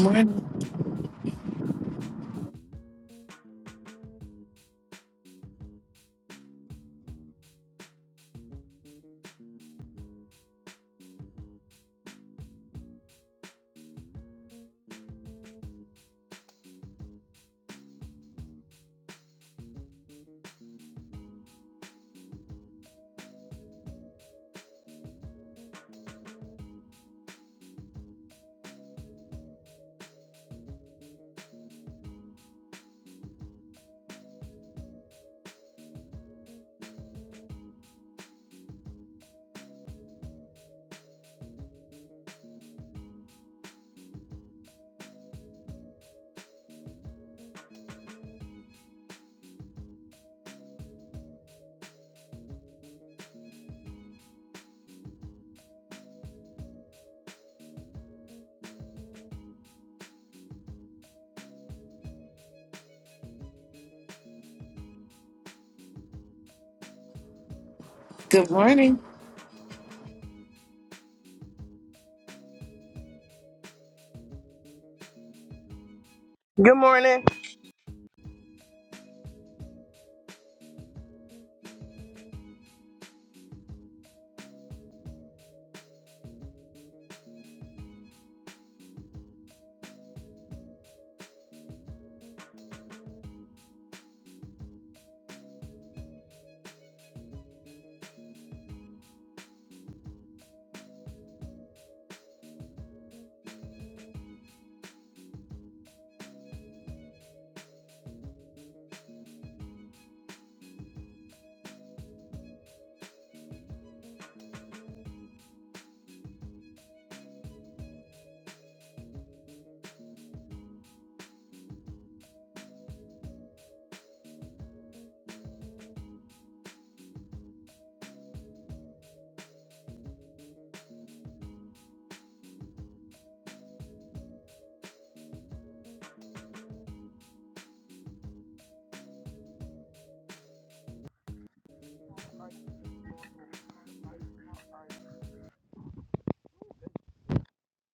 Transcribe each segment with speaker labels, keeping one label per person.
Speaker 1: Morning. Good morning.
Speaker 2: Good morning.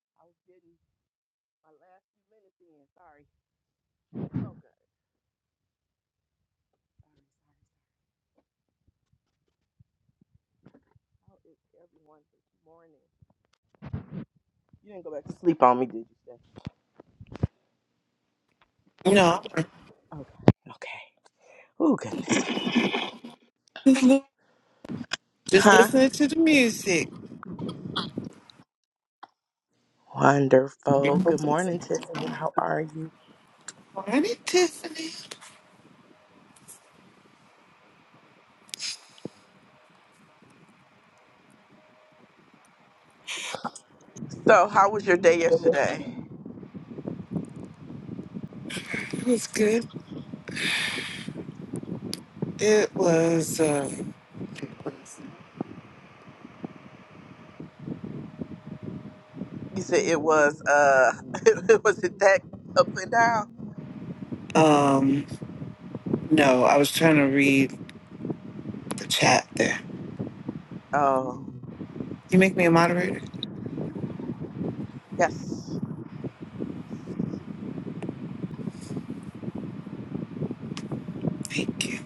Speaker 2: I was getting my last few minutes in. Sorry. Okay. How is everyone this morning? You didn't go back to sleep on me, did you, Steph?
Speaker 1: No,
Speaker 2: Okay. Okay. Oh, goodness.
Speaker 1: just, li- just
Speaker 2: Huh?
Speaker 1: listening to the music.
Speaker 2: Wonderful. Good morning, Tiffany. How are you?
Speaker 1: Morning, Tiffany.
Speaker 2: So, how was your day yesterday?
Speaker 1: It was good. It was. Uh,
Speaker 2: You said it was, uh, was it that up and down?
Speaker 1: um. No, I was trying to read the chat there.
Speaker 2: Oh,
Speaker 1: You make me a moderator.
Speaker 2: yes.
Speaker 1: Thank you.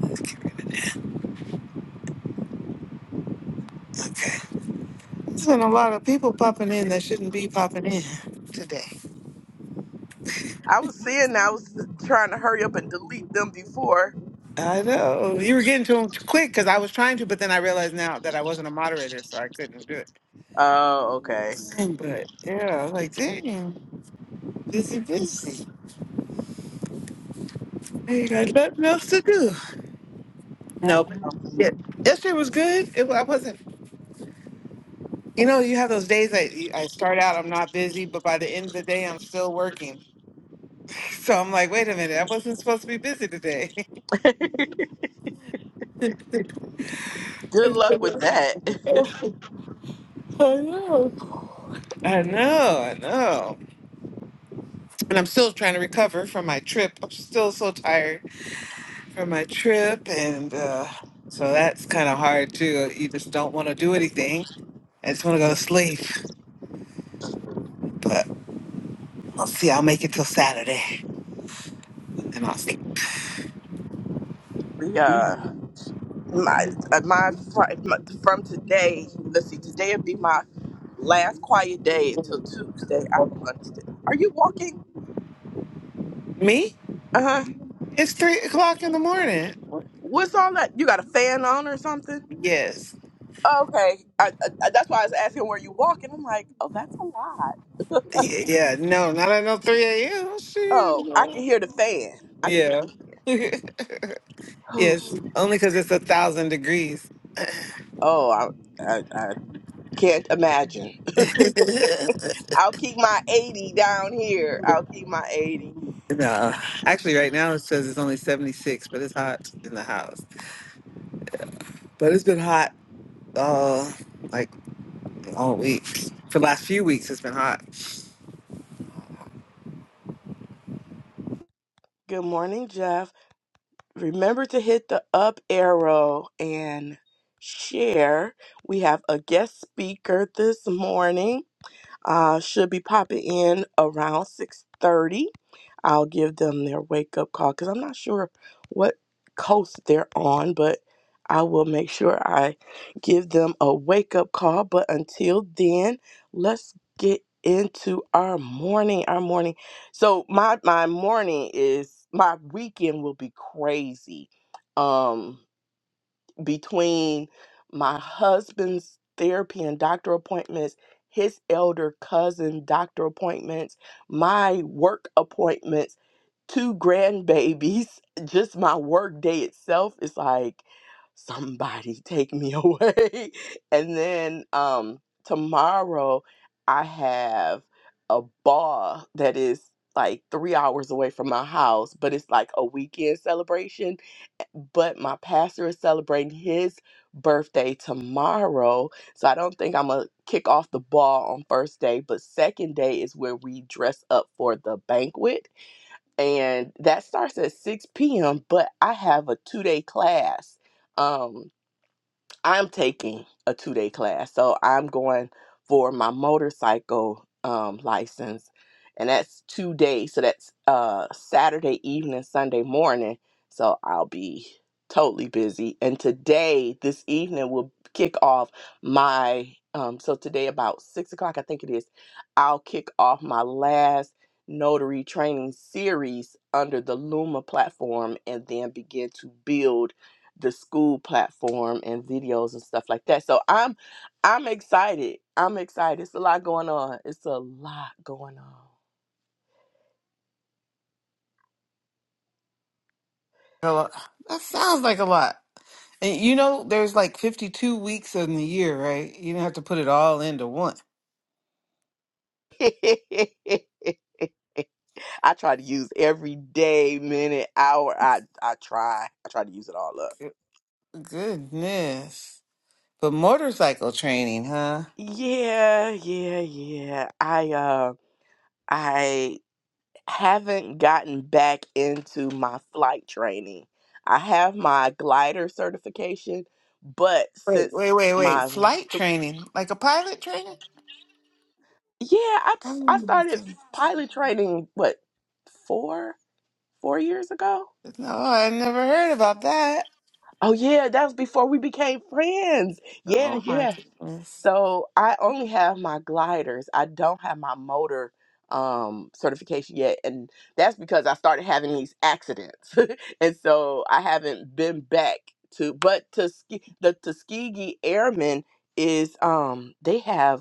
Speaker 1: Let's get rid of that. Okay. There's been a lot of people popping in that shouldn't be popping in today.
Speaker 2: I was seeing, I was trying to hurry up and delete them before.
Speaker 1: I know. You were getting to them quick because I was trying to, but then I realized now that I wasn't a moderator, so I couldn't do it.
Speaker 2: Oh, okay.
Speaker 1: thing, but yeah, like damn, busy, busy. I ain't got nothing else to do.
Speaker 2: I
Speaker 1: Nope. Yeah, yesterday was good. It, I wasn't. You know, you have those days that you- I start out, I'm not busy, but by the end of the day, I'm still working. So I'm like, wait a minute, I wasn't supposed to be busy today.
Speaker 2: am.
Speaker 1: I
Speaker 2: Good luck with that.
Speaker 1: know. I know, I know. And I'm still trying to recover from my trip. I'm still so tired from my trip. And uh, so that's kind of hard too. You just don't want to do anything I just want to go to sleep, but I'll see. I'll make it till Saturday, and I'll sleep.
Speaker 2: Yeah. My, uh, my, fr- my, from today, let's see, today would be my last quiet day until Tuesday. I don't understand. Are you walking?
Speaker 1: Me?
Speaker 2: Uh huh.
Speaker 1: It's three o'clock in the morning.
Speaker 2: What's all that? You got a fan on or something?
Speaker 1: Yes.
Speaker 2: Okay. I, I, I- that's why I was asking where you walking. I'm like, oh, that's a lot.
Speaker 1: Y- Yeah. No, not at no three a.m. Shoot.
Speaker 2: Oh,
Speaker 1: No.
Speaker 2: I can hear the fan. I can hear.
Speaker 1: Yeah. yes. Only because it's a thousand degrees.
Speaker 2: Oh, I, I, I can't imagine. I'll keep my 80 down here. I'll keep my 80.
Speaker 1: no. Actually, right now it says it's only seventy six, but it's hot in the house. But it's been hot, uh, like all week. For the last few weeks, it's been hot.
Speaker 2: Good morning, Jeff. remember to hit the up arrow and share. We have a guest speaker this morning. Uh, should be popping in around 6.30. I'll give them their wake-up call because I'm not sure what coast they're on, but I will make sure I give them a wake-up call. But until then, let's get into our morning. Our morning. So my my morning is my weekend will be crazy. Um between my husband's therapy and doctor appointments, his elder cousin doctor appointments, my work appointments, two grandbabies, just my work day itself is like somebody take me away. and then um tomorrow I have a ball that is like three hours away from my house, but it's like a weekend celebration but my pastor is celebrating his birthday tomorrow. So I don't think I'm going to kick off the ball on first day, but second day is where we dress up for the banquet. And that starts at 6 p.m., but I have a two day class. Um, I'm taking a two day class. So I'm going for my motorcycle um, license, and that's two days. So that's uh, Saturday evening, Sunday morning. So I'll be totally busy. And today, this evening, will kick off my. Um, so today, about six o'clock, I think it is, I'll kick off my last notary training series under the Luma platform and then begin to build the school platform and videos and stuff like that. So I'm I'm excited. I'm excited. It's a lot going on. It's a lot going on.
Speaker 1: A lot. That sounds like a lot. And you know, there's like 52 weeks in the year, right? You don't have to put it all into one.
Speaker 2: I try to use every day, minute, hour. I I try. I try to use it all up.
Speaker 1: Good- Goodness. But motorcycle training, huh?
Speaker 2: Yeah, yeah, yeah. I uh I haven't gotten back into my flight training. I have my glider certification, but
Speaker 1: Wait,
Speaker 2: since
Speaker 1: wait, wait, wait.
Speaker 2: my
Speaker 1: Flight training? Like a pilot training?
Speaker 2: Yeah, I,
Speaker 1: Oh
Speaker 2: I
Speaker 1: my
Speaker 2: started
Speaker 1: goodness.
Speaker 2: pilot training, what, four, four years ago?
Speaker 1: No, I never heard about that.
Speaker 2: Oh, yeah, that was before we became friends. Yeah,
Speaker 1: Oh my
Speaker 2: yeah.
Speaker 1: goodness.
Speaker 2: So I only have my gliders. I don't have my motor um, certification yet. And that's because I started having these accidents. and so I haven't been back to, but to ski, the Tuskegee Airmen is, um, they have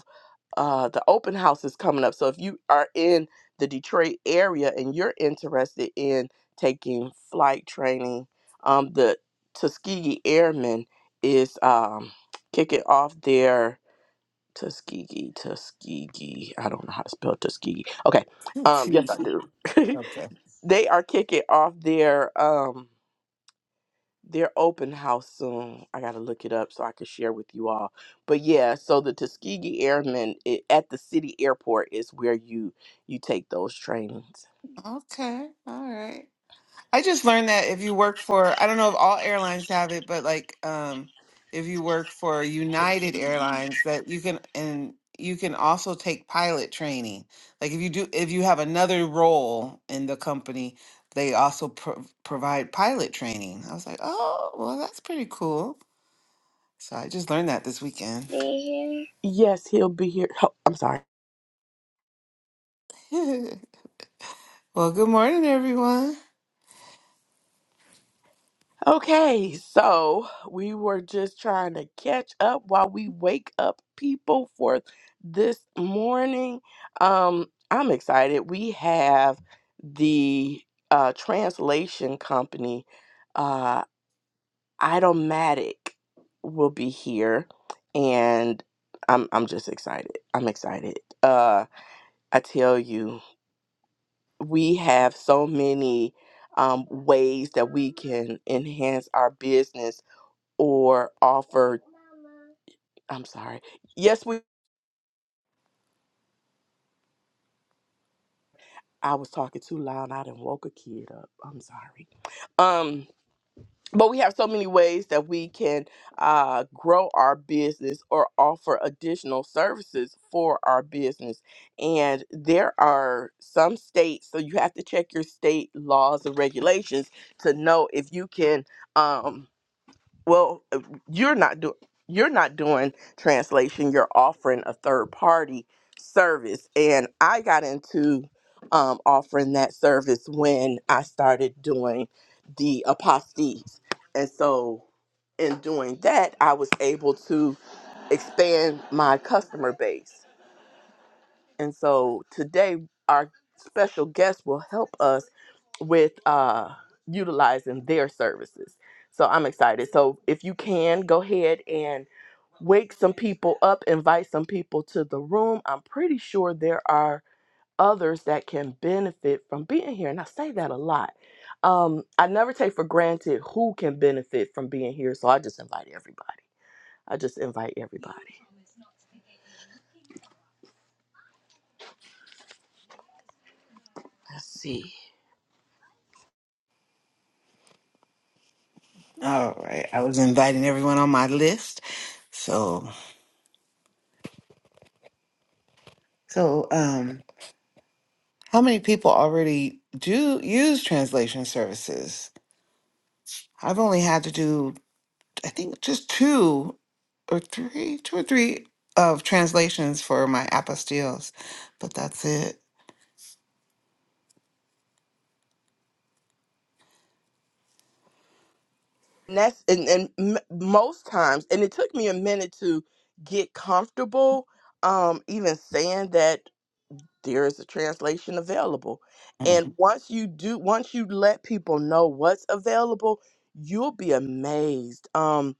Speaker 2: uh, the open house is coming up. So if you are in the Detroit area and you're interested in taking flight training, um, the Tuskegee Airmen is um, kicking off their Tuskegee, Tuskegee. I don't know how to spell Tuskegee. Okay. Um, yes, I do.
Speaker 1: Okay.
Speaker 2: they are kicking off their um, their open house soon. I got to look it up so I can share with you all. But yeah, so the Tuskegee Airmen i at the city airport is where you you take those trainings.
Speaker 1: Okay. All right. I just learned that if you work for, I don't know if all airlines have it, but like, um, if you work for United Airlines, that you can, and you can also take pilot training. Like if you do, if you have another role in the company, they also pro- provide pilot training. I was like, oh, well, that's pretty cool. So I just learned that this weekend.
Speaker 2: Be here. Yes, he'll be here. Oh, I'm sorry.
Speaker 1: well, good morning, everyone.
Speaker 2: Okay, so we were just trying to catch up while we wake up people for this morning. Um, I'm excited. We have the uh, translation company uh, Idomatic will be here and I'm I'm just excited. I'm excited. Uh I tell you, we have so many um ways that we can enhance our business or offer I'm sorry. Yes, we I was talking too loud. I done woke a kid up. I'm sorry. Um. but we have so many ways that we can uh, grow our business or offer additional services for our business and there are some states so you have to check your state laws and regulations to know if you can um, well uh, you're not doing you're not doing translation you're offering a third party service and i got into um, offering that service when i started doing the apostates and so in doing that i was able to expand my customer base and so today, our special guest will help us with uh, utilizing their services. So I'm excited. So if you can, go ahead and wake some people up, invite some people to the room. I'm pretty sure there are others that can benefit from being here. And I say that a lot. Um, I never take for granted who can benefit from being here. So I just invite everybody. I just invite everybody. Let's see.
Speaker 1: All right, I was inviting everyone on my list, so so. um. How many people already do use translation services? I've only had to do, I think, just two or three, two or three of translations for my apostilles, but that's it.
Speaker 2: and that's and, and m- most times and it took me a minute to get comfortable um even saying that there is a translation available and
Speaker 1: Mhm.
Speaker 2: once you do once you let people know what's available you'll be amazed um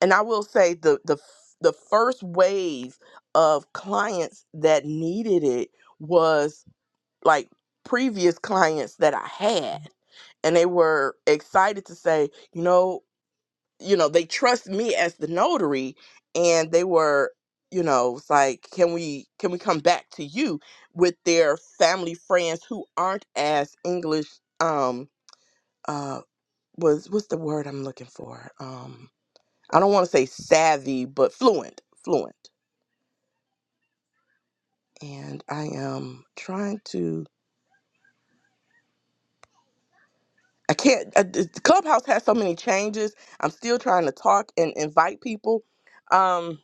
Speaker 2: and i will say the the f- the first wave of clients that needed it was like previous clients that i had and they were excited to say you know you know, they trust me as the notary and they were, you know, it's like, can we can we come back to you with their family friends who aren't as English um uh was what's the word I'm looking for? Um I don't want to say savvy, but fluent, fluent. And I am trying to I can't uh, the clubhouse has so many changes. I'm still trying to talk and invite people. Um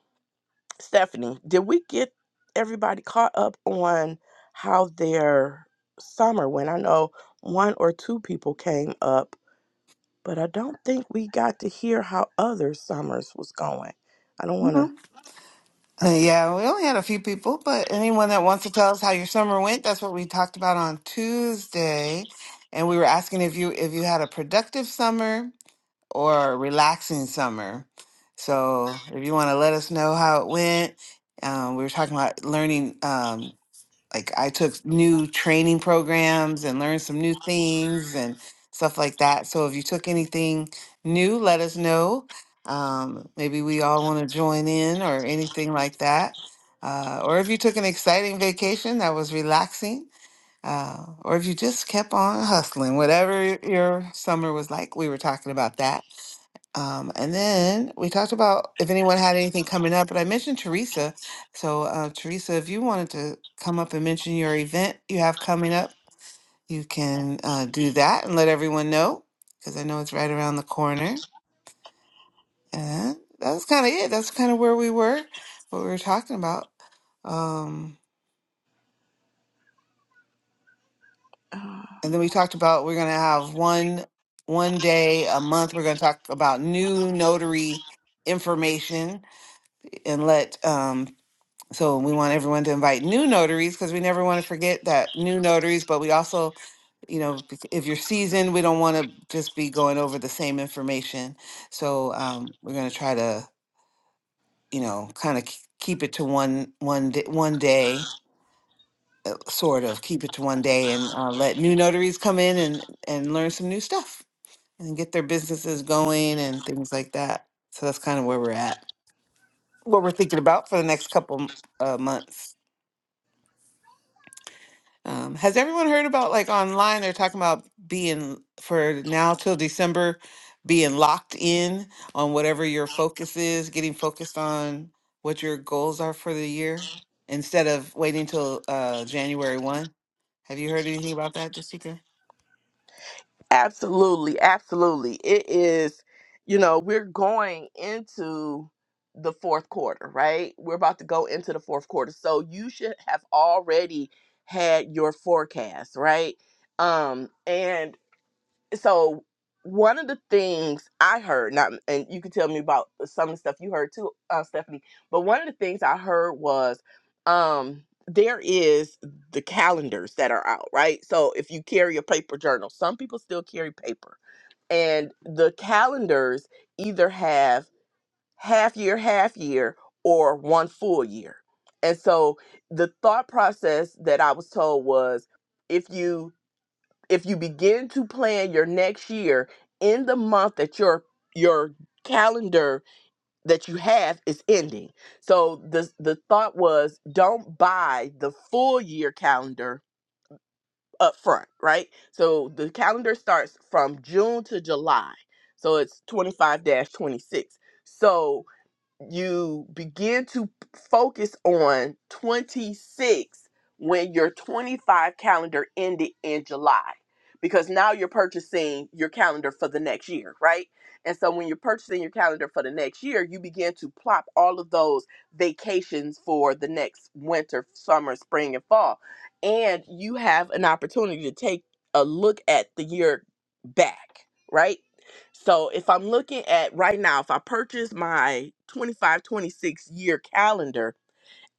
Speaker 2: Stephanie, did we get everybody caught up on how their summer went? I know one or two people came up, but I don't think we got to hear how other summers was going. I don't want
Speaker 1: Mhm. Uh, yeah, we only had a few people, but anyone that wants to tell us how your summer went, that's what we talked about on Tuesday. And we were asking if you if you had a productive summer or a relaxing summer. So if you want to let us know how it went, um, we were talking about learning. Um, like I took new training programs and learned some new things and stuff like that. So if you took anything new, let us know. Um, maybe we all want to join in or anything like that. Uh, or if you took an exciting vacation that was relaxing, uh, or if you just kept on hustling, whatever your summer was like, we were talking about that. Um, and then we talked about if anyone had anything coming up, but I mentioned Teresa. So, uh, Teresa, if you wanted to come up and mention your event you have coming up, you can uh, do that and let everyone know because I know it's right around the corner. And that's kind of it. That's kind of where we were, what we were talking about. Um,
Speaker 2: to.
Speaker 1: and then we talked about we're going to have one one day a month. We're going to talk about new notary information and let um, So we want everyone to invite new notaries because we never want to forget that new notaries, but we also, you know, bec- if you're seasoned, we don't want to just be going over the same information. So um, we're going to try to, you know, kind of keep it to one one day, one day, uh, sort of keep it to one day, and uh, let new notaries come in and and learn some new stuff and get their businesses going and things like that. So that's kind of where we're at, what we're thinking about for the next couple uh, months. Um, has everyone heard about like online? They're talking about being for now till December, being locked in on whatever your focus is, getting focused on what your goals are for the year instead of waiting till uh, January 1. Have you heard anything about that, Jessica?
Speaker 2: Absolutely, absolutely. It is, you know, we're going into the fourth quarter, right? We're about to go into the fourth quarter. So you should have already had your forecast, right? Um and so one of the things I heard, not, and you can tell me about some of the stuff you heard too, uh, Stephanie. But one of the things I heard was um, there is the calendars that are out, right? So if you carry a paper journal, some people still carry paper, and the calendars either have half year, half year, or one full year. And so the thought process that I was told was if you if you begin to plan your next year in the month that your your calendar that you have is ending. So the the thought was don't buy the full year calendar up front, right? So the calendar starts from June to July. So it's 25-26. dash twenty-six. So you begin to focus on 26 when your 25 calendar ended in July because now you're purchasing your calendar for the next year, right? And so when you're purchasing your calendar for the next year, you begin to plop all of those vacations for the next winter, summer, spring, and fall. And you have an opportunity to take a look at the year back, right? So if I'm looking at right now, if I purchase my 25, 26 year calendar,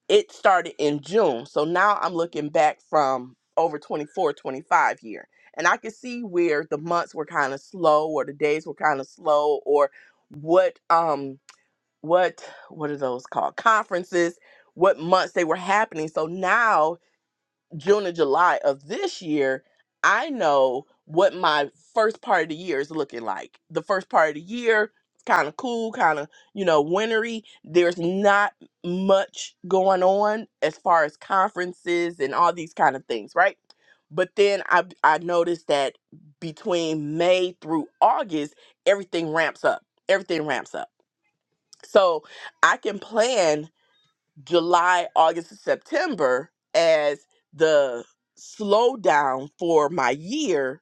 Speaker 2: it started in June. So now I'm looking back from over 24, 25 year. And I can see where the months were kind of slow or the days were kind of slow or what um what what are those called? Conferences, what months they were happening. So now June and July of this year, I know what my first part of the year is looking like. The first part of the year, it's kind of cool, kind of, you know, wintry. There's not much going on as far as conferences and all these kind of things, right? But then I I noticed that between May through August, everything ramps up. Everything ramps up. So I can plan July, August, and September as the slowdown for my year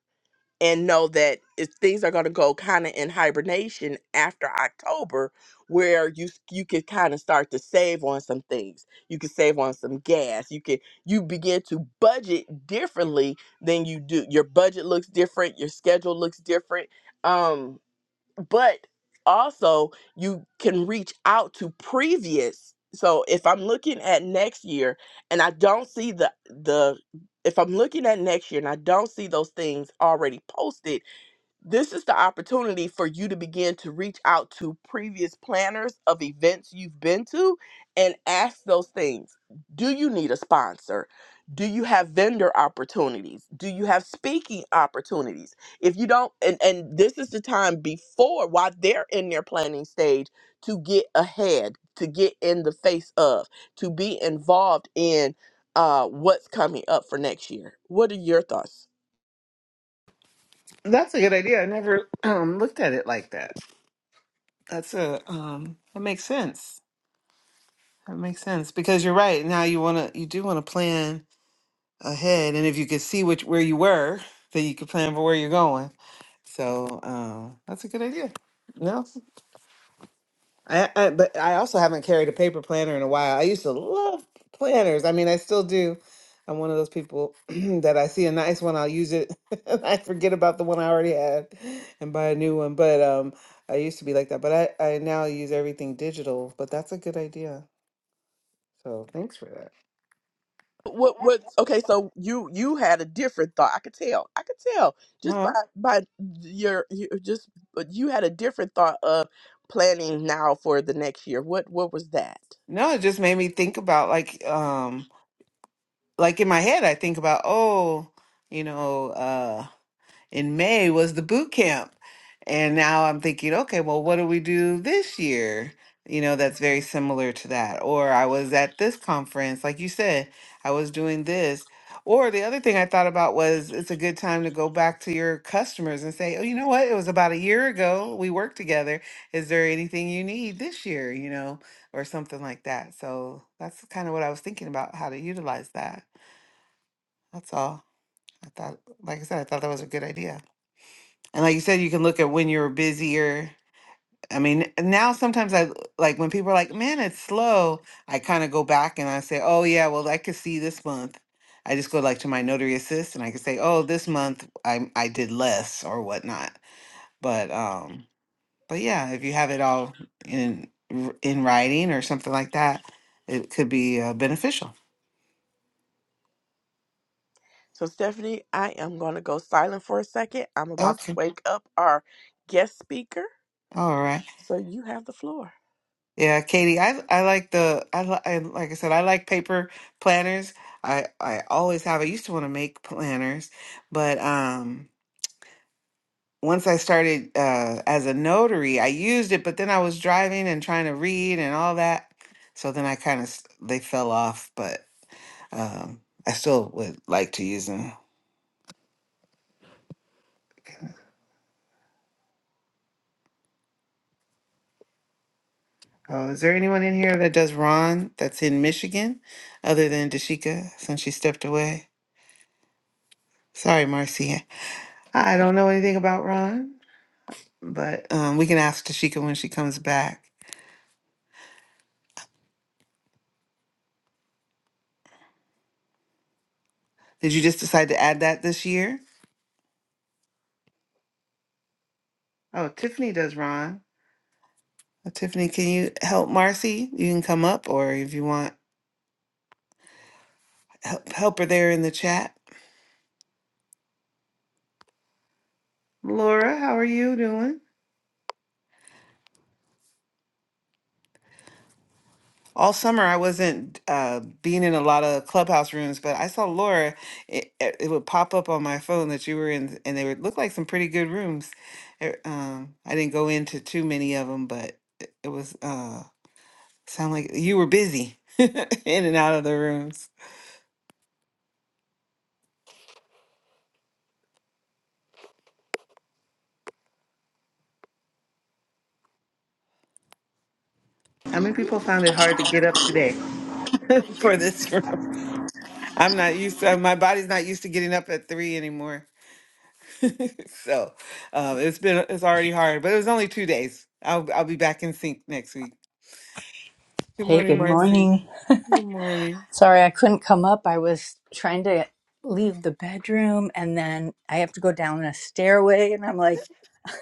Speaker 2: and know that if things are going to go kind of in hibernation after October where you s- you can kind of start to save on some things. You can save on some gas. You can you begin to budget differently than you do. Your budget looks different, your schedule looks different. Um but also you can reach out to previous so if i'm looking at next year and i don't see the the if i'm looking at next year and i don't see those things already posted this is the opportunity for you to begin to reach out to previous planners of events you've been to and ask those things. Do you need a sponsor? Do you have vendor opportunities? Do you have speaking opportunities? If you don't, and, and this is the time before while they're in their planning stage to get ahead, to get in the face of, to be involved in uh, what's coming up for next year. What are your thoughts,
Speaker 1: That's a good idea. I never um, looked at it like that. That's a um that makes sense. That makes sense because you're right. Now you want to you do want to plan ahead and if you could see which where you were, then you could plan for where you're going. So, um that's a good idea. No. I, I but I also haven't carried a paper planner in a while. I used to love planners. I mean, I still do. I'm one of those people that I see a nice one, I'll use it. and I forget about the one I already had and buy a new one. But um, I used to be like that. But I I now use everything digital. But that's a good idea. So thanks for that.
Speaker 2: what what okay so you you had a different thought i could tell i could tell just by
Speaker 1: Huh?
Speaker 2: by your you just but you had a different thought of planning now for the next year what what was that
Speaker 1: No, it just made me think about like um like in my head I think about oh you know in May was the boot camp. And now I'm thinking, okay, well, what do we do this year? You know, that's very similar to that. Or I was at this conference, like you said, I was doing this. Or the other thing I thought about was it's a good time to go back to your customers and say, oh, you know what? It was about a year ago we worked together. Is there anything you need this year? You know, or something like that. So that's kind of what I was thinking about how to utilize that. That's all. I thought, like I said, I thought that was a good idea. And like you said, you can look at when you're busier. I mean, now sometimes I like when people are like, man, it's slow. I kind of go back and I say, oh, yeah, well, I could see this month. I just go like to my notary assist and I can say, oh, this month I, I did less or whatnot. But, um, but yeah, if you have it all in, in writing or something like that, it could be uh, beneficial.
Speaker 2: so stephanie i am going to go silent for a second i'm about to
Speaker 1: Okay.
Speaker 2: wake up our guest speaker
Speaker 1: All right.
Speaker 2: so you have the floor
Speaker 1: Yeah, Katie, I I like the I, li- I like I said I like paper planners. I I always have. I used to want to make planners, but um once I started uh as a notary, I used it, but then I was driving and trying to read and all that. So then I kind of they fell off, but um I still would like to use them. Oh, is there anyone in here that does Ron that's in Michigan other than Dashika since she stepped away? Sorry, Marcia. I don't know anything about Ron. but um, we can ask Tashika when she comes back. Did you just decide to add that this year? Oh, Tiffany does, Ron. Uh, Tiffany, can you help Marcy? You can come up, or if you want, help, help her there in the chat. Laura, how are you doing? All summer, I wasn't uh, being in a lot of clubhouse rooms, but I saw Laura. It, it it would pop up on my phone that you were in, and they would look like some pretty good rooms. Er, um, I didn't go into too many of them, but it, it was. Uh, Sound like you were busy in and out of the rooms. How many people found it hard to get up today for this room? I'm not used to my body's not used to getting up at three anymore. so um, it's been it's already hard, but it was only two days. I'll I'll be back in sync next week. Good
Speaker 3: Hey,
Speaker 1: morning,
Speaker 3: good
Speaker 1: Marcy.
Speaker 3: morning.
Speaker 1: Good morning.
Speaker 3: Sorry I couldn't come up. I was trying to leave the bedroom and then I have to go down a stairway and I'm like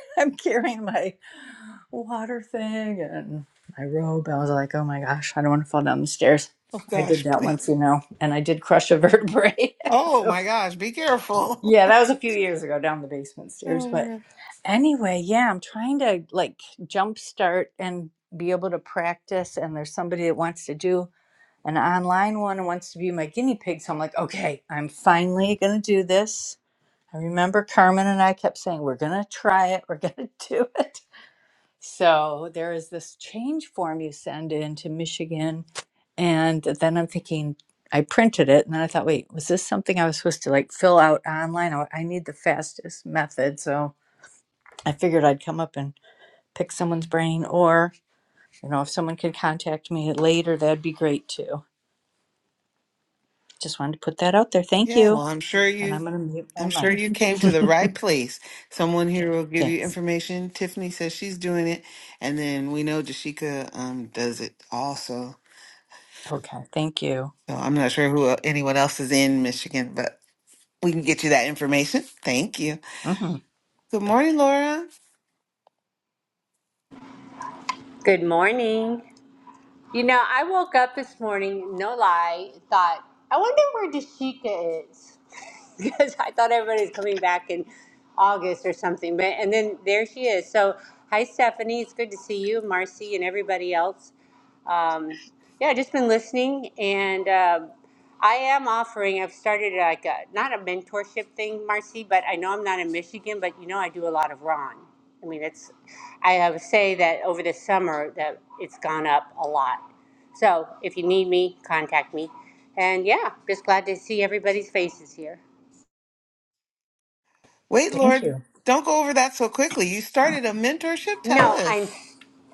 Speaker 3: I'm carrying my water thing and my robe. I was like, "Oh my gosh, I don't want to fall down the stairs."
Speaker 1: Oh
Speaker 3: I did
Speaker 1: gosh,
Speaker 3: that once,
Speaker 1: please.
Speaker 3: you know, and I did crush a vertebrae.
Speaker 1: Oh
Speaker 3: so,
Speaker 1: my gosh, be careful.
Speaker 3: yeah, that was a few years ago down the basement stairs,
Speaker 1: oh my
Speaker 3: but
Speaker 1: god.
Speaker 3: anyway, yeah, I'm trying to like jumpstart and be able to practice and there's somebody that wants to do an online one wants to be my guinea pig. So I'm like, okay, I'm finally going to do this. I remember Carmen and I kept saying, we're going to try it, we're going to do it. So there is this change form you send in to Michigan. And then I'm thinking, I printed it. And then I thought, wait, was this something I was supposed to like fill out online? I I need the fastest method. So I figured I'd come up and pick someone's brain, or, you know, if someone could contact me later, that'd be great too. Just wanted to put that out there. Thank
Speaker 1: Yeah,
Speaker 3: you.
Speaker 1: well, I'm sure
Speaker 3: And
Speaker 1: you
Speaker 3: I'm going to mute
Speaker 1: I'm
Speaker 3: my
Speaker 1: sure you came to the right
Speaker 3: mic.
Speaker 1: place. Someone here will give you
Speaker 3: thanks.
Speaker 1: information. Tiffany says she's doing it, and then we know Jashika um does it also.
Speaker 3: Okay. Thank you.
Speaker 1: So I'm not sure who el- anyone else is in Michigan, but we can get you that information. Thank you.
Speaker 3: Mhm.
Speaker 1: Good morning, Laura.
Speaker 4: Good morning. You know, I woke up this morning, no lie, and thought, I wonder where Dashika is. because I thought everybody's coming back in August or something. But and then there she is. So hi Stephanie, it's good to see you, Marcy and everybody else um, yeah, just been listening, and um I am offering. I've started like a, not a mentorship thing, Marcy, but I know I'm not in Michigan, but you know I do a lot of Ron. I mean, it's I have say that over the summer that it's gone up a lot. So if you need me, contact me. And yeah, just glad to see everybody's faces here.
Speaker 1: Wait, Laura,
Speaker 3: Thank you.
Speaker 1: don't go over that so quickly. You started a mentorship. Tell
Speaker 4: No, I'm
Speaker 1: us.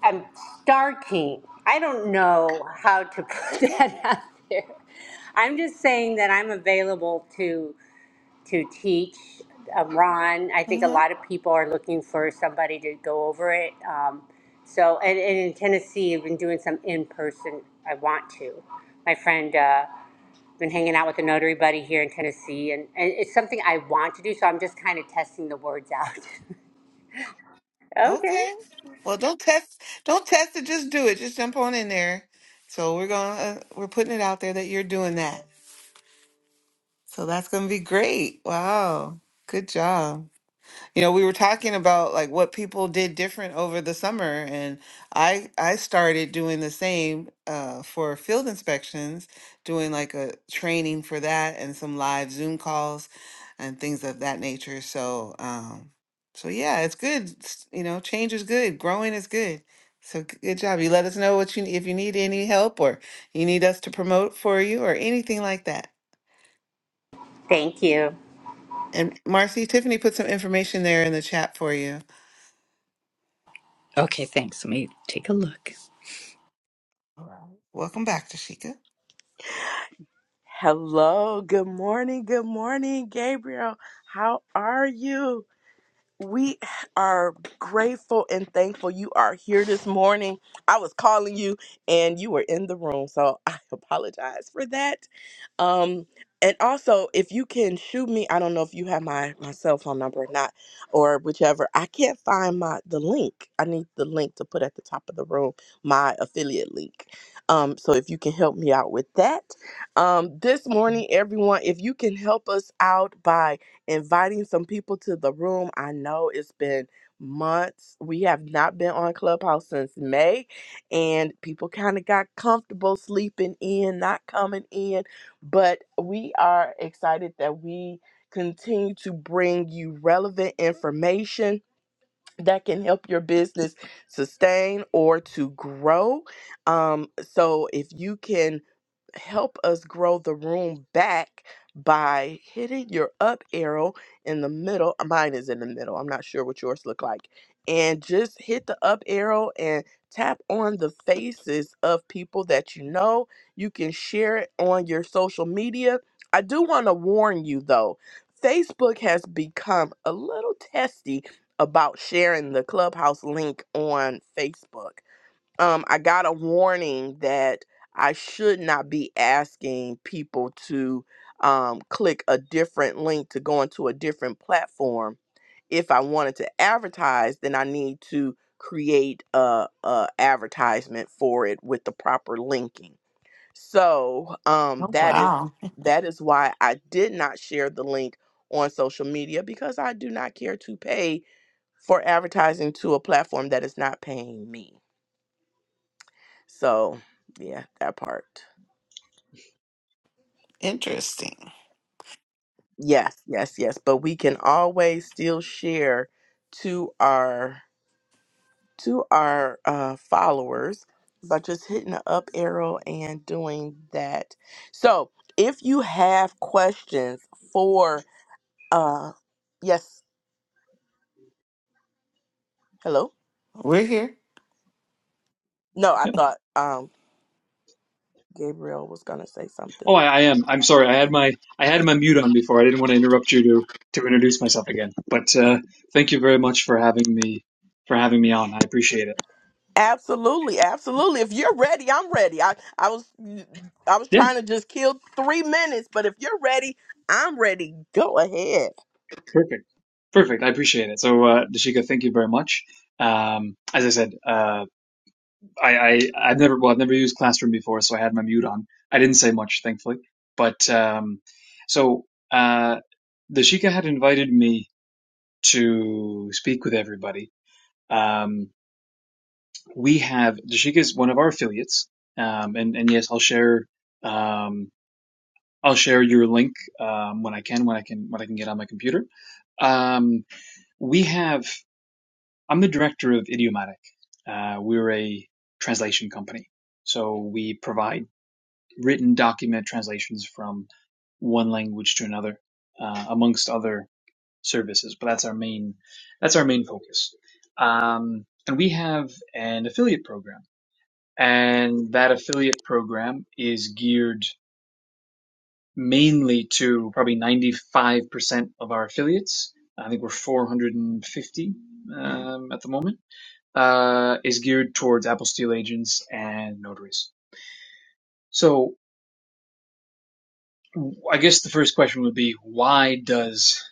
Speaker 4: I'm starting. I don't know how to put
Speaker 1: Okay.
Speaker 4: that out there. I'm just saying that I'm available to to teach. Um, Ron, I think
Speaker 1: Uh
Speaker 4: a
Speaker 1: huh.
Speaker 4: lot of people are looking for somebody to go over it. Um, so, and, and in Tennessee, I've been doing some in person. I want to. My friend. Uh, been hanging out with a notary buddy here in Tennessee, and, and it's something I want to do, so I'm just kind of testing the words out. okay.
Speaker 1: Okay. Well, don't test. Don't test it. Just do it. Just jump on in there. So we're gonna uh, we're putting it out there that you're doing that. So that's going to be great. Wow. Good job. You know, we were talking about like what people did different over the summer and I I started doing the same uh for field inspections, doing like a training for that and some live Zoom calls and things of that nature. So, um so yeah, it's good. S- You know, change is good. Growing is good. So g- good job. You let us know what you if you need any help or you need us to promote for you or anything like that.
Speaker 4: Thank you.
Speaker 1: And Marcy, Tiffany put some information there in the chat for you.
Speaker 3: Okay. Thanks. Let me take a look.
Speaker 1: All right. Welcome back, Tashika.
Speaker 2: hello good morning good morning gabriel how are you we are grateful and thankful you are here this morning. I was calling you and you were in the room, so I apologize for that. Um, and also, if you can shoot me, I don't know if you have my my cell phone number or not, or whichever. I can't find my the link. I need the link to put at the top of the room, my affiliate link. Um, so if you can help me out with that, um, this morning, everyone, if you can help us out by inviting some people to the room. I know it's been months. We have not been on Clubhouse since May, and people kind of got comfortable sleeping in, not coming in. But we are excited that we continue to bring you relevant information that can help your business sustain or to grow. Um, so if you can help us grow the room back by hitting your up arrow in the middle. uh, Mine is in the middle. I'm not sure what yours look like. And just hit the up arrow and tap on the faces of people that you know. You can share it on your social media. I do want to warn you though. Facebook has become a little testy about sharing the clubhouse link on Facebook um, I got a warning that I should not be asking people to um, click a different link to go into a different platform. If I wanted to advertise, then I need to create a, a advertisement for it with the proper linking. So um,
Speaker 1: Oh,
Speaker 2: that is
Speaker 1: wow.
Speaker 2: that is why I did not share the link on social media because I do not care to pay for advertising to a platform that is not paying me. So, yeah, that part.
Speaker 1: Interesting.
Speaker 2: Yes, yes, yes, but we can always still share to our to our uh followers by just hitting the up arrow and doing that. So, if you have questions for uh yes, hello?
Speaker 1: We're here.
Speaker 2: No, I
Speaker 5: Yep.
Speaker 2: thought um Gabriel was going to say something.
Speaker 5: Oh, I, I am. I'm sorry. I had my I had my mute on before. I didn't want to interrupt you to to introduce myself again. But uh, thank you very much for having me for having me on. I appreciate it.
Speaker 2: Absolutely, absolutely. If you're ready, I'm ready. I, I was I was
Speaker 5: Yeah.
Speaker 2: trying to just kill three minutes, but if you're ready, I'm ready. Go ahead.
Speaker 5: Perfect. Perfect. I appreciate it. So, uh, Dashika, thank you very much. Um, as I said, uh, I, I I've never well I've never used Classroom before, so I had my mute on. I didn't say much, thankfully. But um, so uh, Dashika had invited me to speak with everybody. Um, we have Dashika is one of our affiliates, um, and and yes, I'll share um, I'll share your link um, when I can when I can when I can get on my computer. Um, we have I'm the director of Idiomatic. Uh, we're a translation company, so we provide written document translations from one language to another, uh, amongst other services. But that's our main that's our main focus. Um, and we have an affiliate program and that affiliate program is geared mainly to probably 95% of our affiliates. I think we're 450 um, at the moment. Uh, is geared towards Apple Steel agents and notaries. So I guess the first question would be why does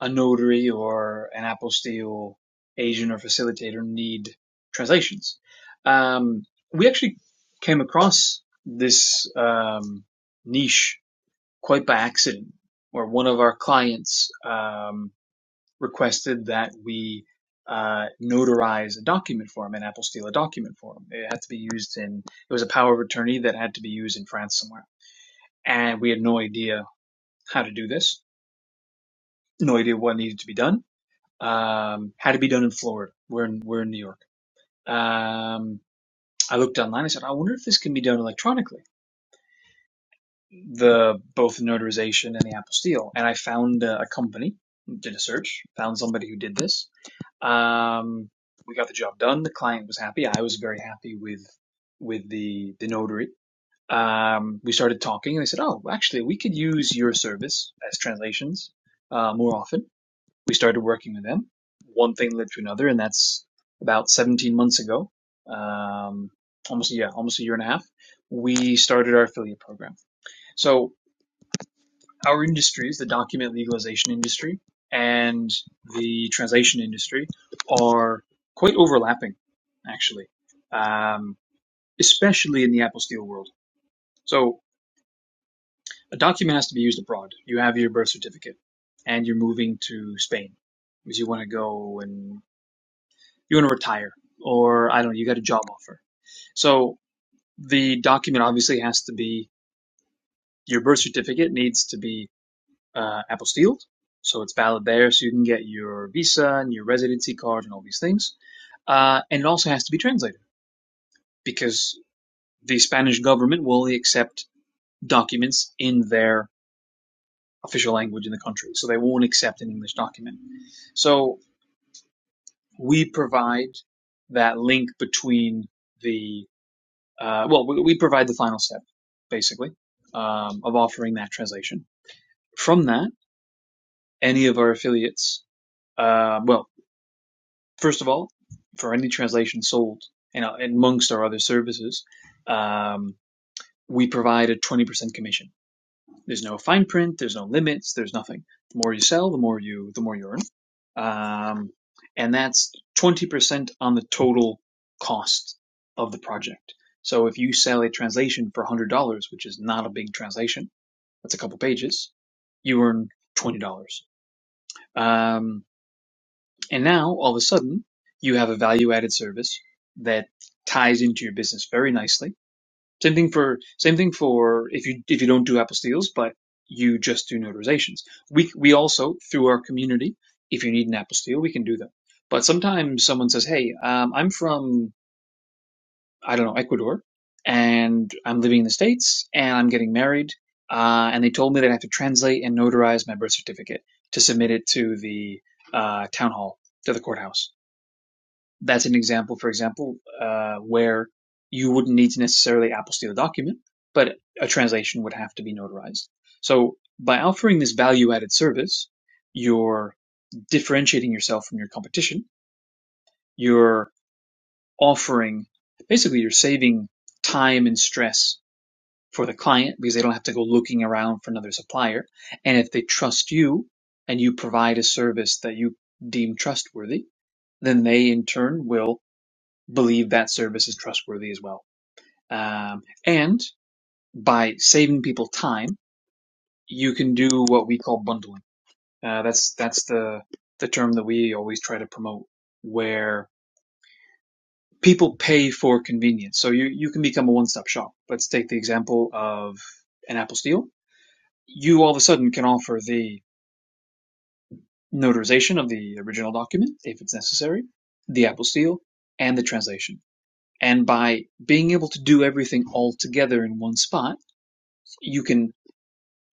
Speaker 5: a notary or an Apple Steel agent or facilitator need translations? Um, we actually came across this um, niche quite by accident, or one of our clients um, requested that we uh, notarize a document for him, an Apostille document for him. It had to be used in, it was a power of attorney that had to be used in France somewhere. And we had no idea how to do this, no idea what needed to be done, um, had to be done in Florida. We're in, we're in New York. Um, I looked online. I said, I wonder if this can be done electronically the both the notarization and the apostille. And I found uh, a company, did a search, found somebody who did this. Um, we got the job done. The client was happy. I was very happy with with the the notary. Um, we started talking, and they said, "Oh, actually, we could use your service as translations uh, more often." We started working with them. One thing led to another, and that's about 17 months ago, um, almost a year, almost a year and a half. We started our affiliate program. So our industries, the document legalization industry and the translation industry, are quite overlapping, actually, um, especially in the Apple Steel world. So a document has to be used abroad. You have your birth certificate, and you're moving to Spain because you want to go and you want to retire, or I don't know, you got a job offer. So the document obviously has to be your birth certificate needs to be uh, Apple Steel. So it's valid there. So you can get your visa and your residency card and all these things. Uh, and it also has to be translated because the Spanish government will only accept documents in their official language in the country. So they won't accept an English document. So we provide that link between the, uh, well, we, we provide the final step, basically, um, of offering that translation. From that, any of our affiliates, uh, well, First of all, for any translation sold, and uh, amongst our other services, um, we provide a 20% commission. There's no fine print, there's no limits, there's nothing. The more you sell, the more you the more you earn, um, and that's 20% on the total cost of the project. So if you sell a translation for $100, which is not a big translation, that's a couple pages, you earn $20. Um, and now all of a sudden you have a value added service that ties into your business very nicely. Same thing for same thing for if you if you don't do apostilles, but you just do notarizations. We we also through our community, if you need an apostille, we can do them. But sometimes someone says, "Hey, um, I'm from I don't know Ecuador, and I'm living in the States, and I'm getting married, uh, and they told me that I have to translate and notarize my birth certificate to submit it to the uh, town hall to the courthouse." that's an example, for example, uh, where you wouldn't need to necessarily apostille a document, but a translation would have to be notarized. So by offering this value added service, you're differentiating yourself from your competition. You're offering, basically, you're saving time and stress for the client because they don't have to go looking around for another supplier. And if they trust you and you provide a service that you deem trustworthy, then they in turn will believe that service is trustworthy as well. Um, and by saving people time, you can do what we call bundling. Uh, that's that's the the term that we always try to promote, where people pay for convenience. So you you can become a one stop shop. Let's take the example of an Apple Steel. You all of a sudden can offer the notarization of the original document if it's necessary, the Apple Steel, and the translation. And by being able to do everything all together in one spot you can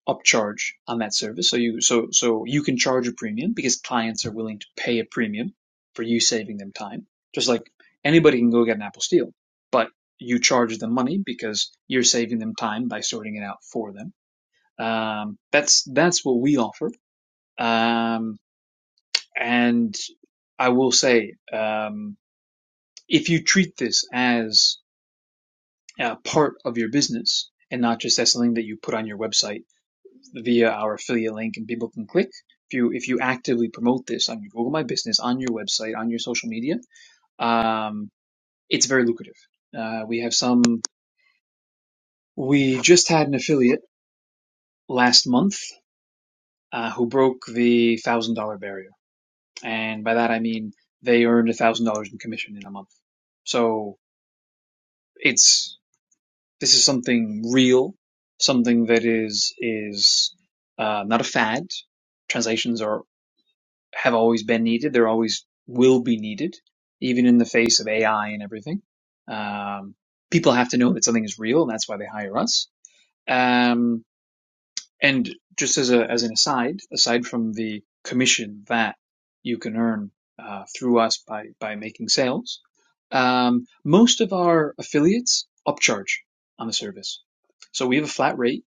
Speaker 5: upcharge on that service. So you so so you can charge a premium because clients are willing to pay a premium for you saving them time. Just like anybody can go get an Apple Steel, but you charge them money because you're saving them time by sorting it out for them. Um, that's that's what we offer. Um, and I will say, um, if you treat this as uh, part of your business and not just as something that you put on your website via our affiliate link and people can click. If you if you actively promote this on your Google My Business, on your website, on your social media, um, it's very lucrative. Uh, we have some. We just had an affiliate last month uh, who broke the thousand dollar barrier, and by that I mean they earned a thousand dollars in commission in a month. So it's this is something real, something that is is uh, not a fad. Translations are have always been needed. They're always will be needed, even in the face of AI and everything. Um, people have to know that something is real, and that's why they hire us. Um, and just as a as an aside, aside from the commission that you can earn uh, through us by by making sales, um, most of our affiliates upcharge on the service. So we have a flat rate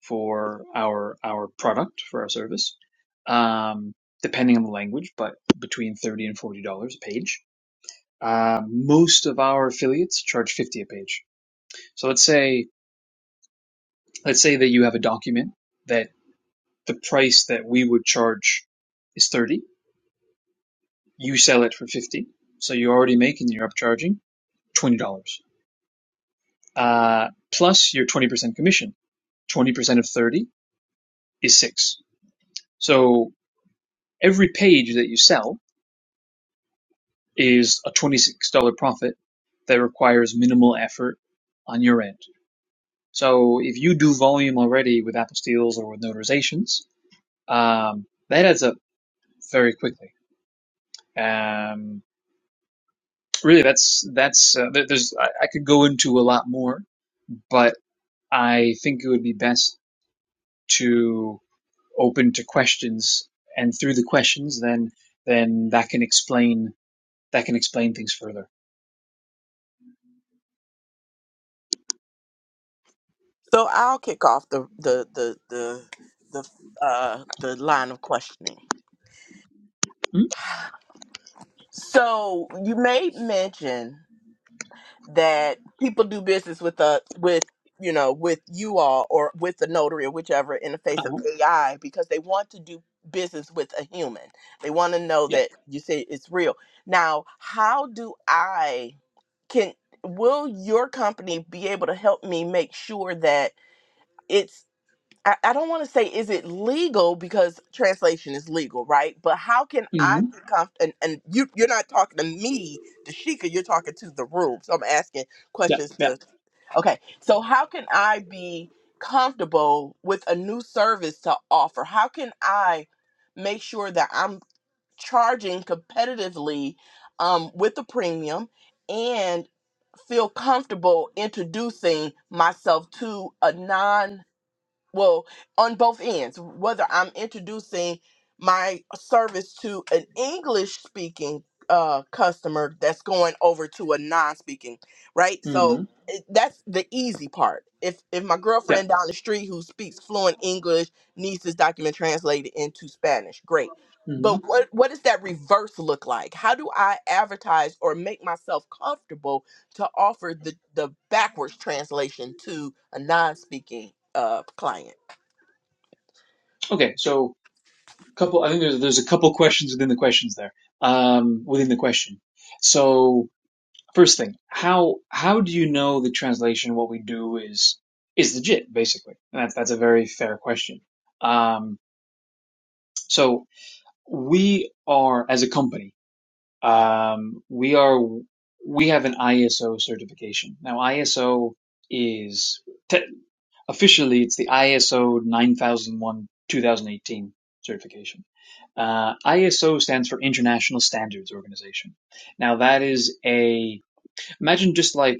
Speaker 5: for our our product for our service, um, depending on the language, but between thirty and forty dollars a page. Uh, most of our affiliates charge fifty a page. So let's say let's say that you have a document that the price that we would charge is 30 you sell it for 50 so you're already making are upcharging $20 uh, plus your 20% commission 20% of 30 is 6 so every page that you sell is a $26 profit that requires minimal effort on your end so if you do volume already with apostils or with notarizations um, that adds up very quickly um, really that's that's uh, there's I, could go into a lot more but i think it would be best to open to questions and through the questions then then that can explain that can explain things further
Speaker 2: So I'll kick off the the the the the uh the line of questioning.
Speaker 5: mm
Speaker 2: So you made mention. that people do business with a with you know with you all or with the notary or whichever in the face of
Speaker 5: uh-huh.
Speaker 2: AI because they want to do business with a human. They want to know
Speaker 5: yeah
Speaker 2: that you say it's real. Now, how do I can will your company be able to help me make sure that it's I, I don't want to say is it legal because translation is legal, right? But how can I
Speaker 5: hmm
Speaker 2: become and, and you you're not talking to me, Dashika, you're talking to the room. So I'm asking
Speaker 5: yeah
Speaker 2: questions
Speaker 5: yeah
Speaker 2: to okay. So how can I be comfortable with a new service to offer? How can I make sure that I'm charging competitively um, with the premium and feel comfortable introducing myself to a non well on both ends whether i'm introducing my service to an english speaking uh customer that's going over to a non-speaking right so
Speaker 5: hmm
Speaker 2: it, that's the easy part if if my
Speaker 5: yeah
Speaker 2: girlfriend down the street who speaks fluent english needs this document translated into spanish great
Speaker 5: hmm
Speaker 2: but what what does that reverse look like how do i advertise or make myself comfortable to offer the, the backwards translation to a non-speaking uh client.
Speaker 5: okay so couple i think there's, there's a couple questions within the questions there um within the question so First thing, how how do you know the translation? What we do is is legit, basically. And that's that's a very fair question. Um, so we are as a company, um, we are we have an ISO certification. Now ISO is te- officially it's the ISO 9001 2018 certification. Uh, ISO stands for International Standards Organization. Now that is a imagine just like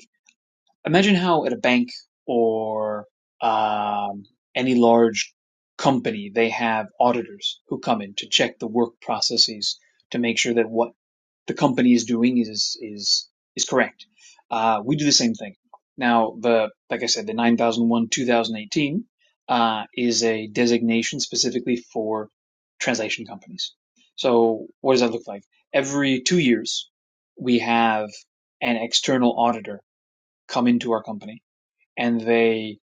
Speaker 5: Imagine how at a bank or um, any large company, they have auditors who come in to check the work processes to make sure that what the company is doing is is is correct. Uh, we do the same thing. Now, the like I said, the 9001 2018 uh, is a designation specifically for translation companies. So, what does that look like? Every two years, we have an external auditor come into our company and they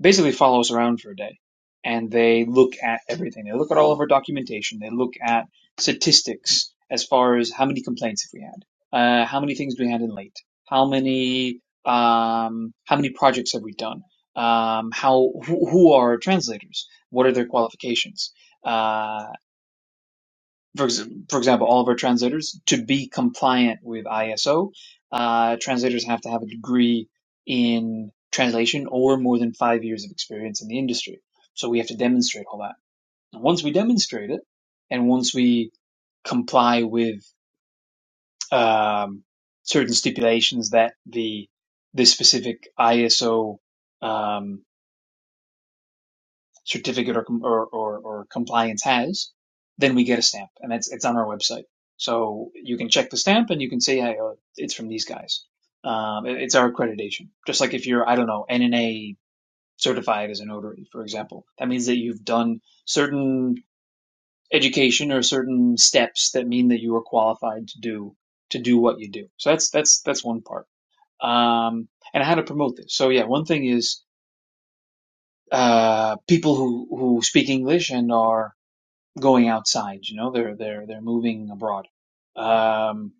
Speaker 5: basically follow us around for a day and they look at everything. They look at all of our documentation. They look at statistics as far as how many complaints have we had, uh, how many things do we had in late, how many um, how many projects have we done, um, how who, who are our translators, what are their qualifications, uh, for, for example, all of our translators, to be compliant with ISO, uh, translators have to have a degree in translation or more than five years of experience in the industry. So we have to demonstrate all that. And once we demonstrate it, and once we comply with um, certain stipulations that the the specific ISO certificate or, or, or, or compliance has, then we get a stamp and it's, it's on our website. So you can check the stamp and you can say, hey, oh, it's from these guys. Um, it- it's our accreditation. Just like if you're, I don't know, NNA certified as a notary, for example, that means that you've done certain education or certain steps that mean that you are qualified to do, to do what you do. So that's, that's, that's one part. Um, and how to promote this. So yeah, one thing is, uh, people who, who speak English and are going outside. You know, they're they're they're moving abroad. Um,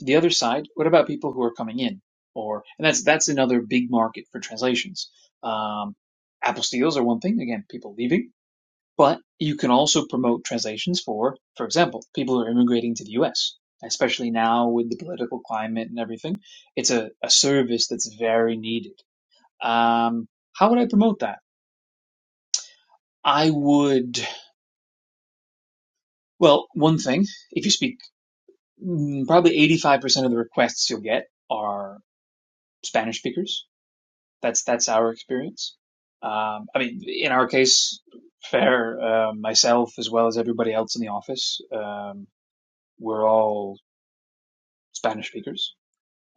Speaker 5: the other side, what about people who are coming in? Or and that's that's another big market for translations. Um, apostiles are one thing. Again, people leaving, but you can also promote translations for, for example, people who are immigrating to the U.S. Especially now with the political climate and everything, it's a, a service that's very needed. Um, how would I promote that? I would, well, one thing, if you speak mm, probably 85% of the requests you'll get are Spanish speakers. That's that's our experience. Um, I mean, in our case, fair uh, myself as well as everybody else in the office, um, we're all Spanish speakers.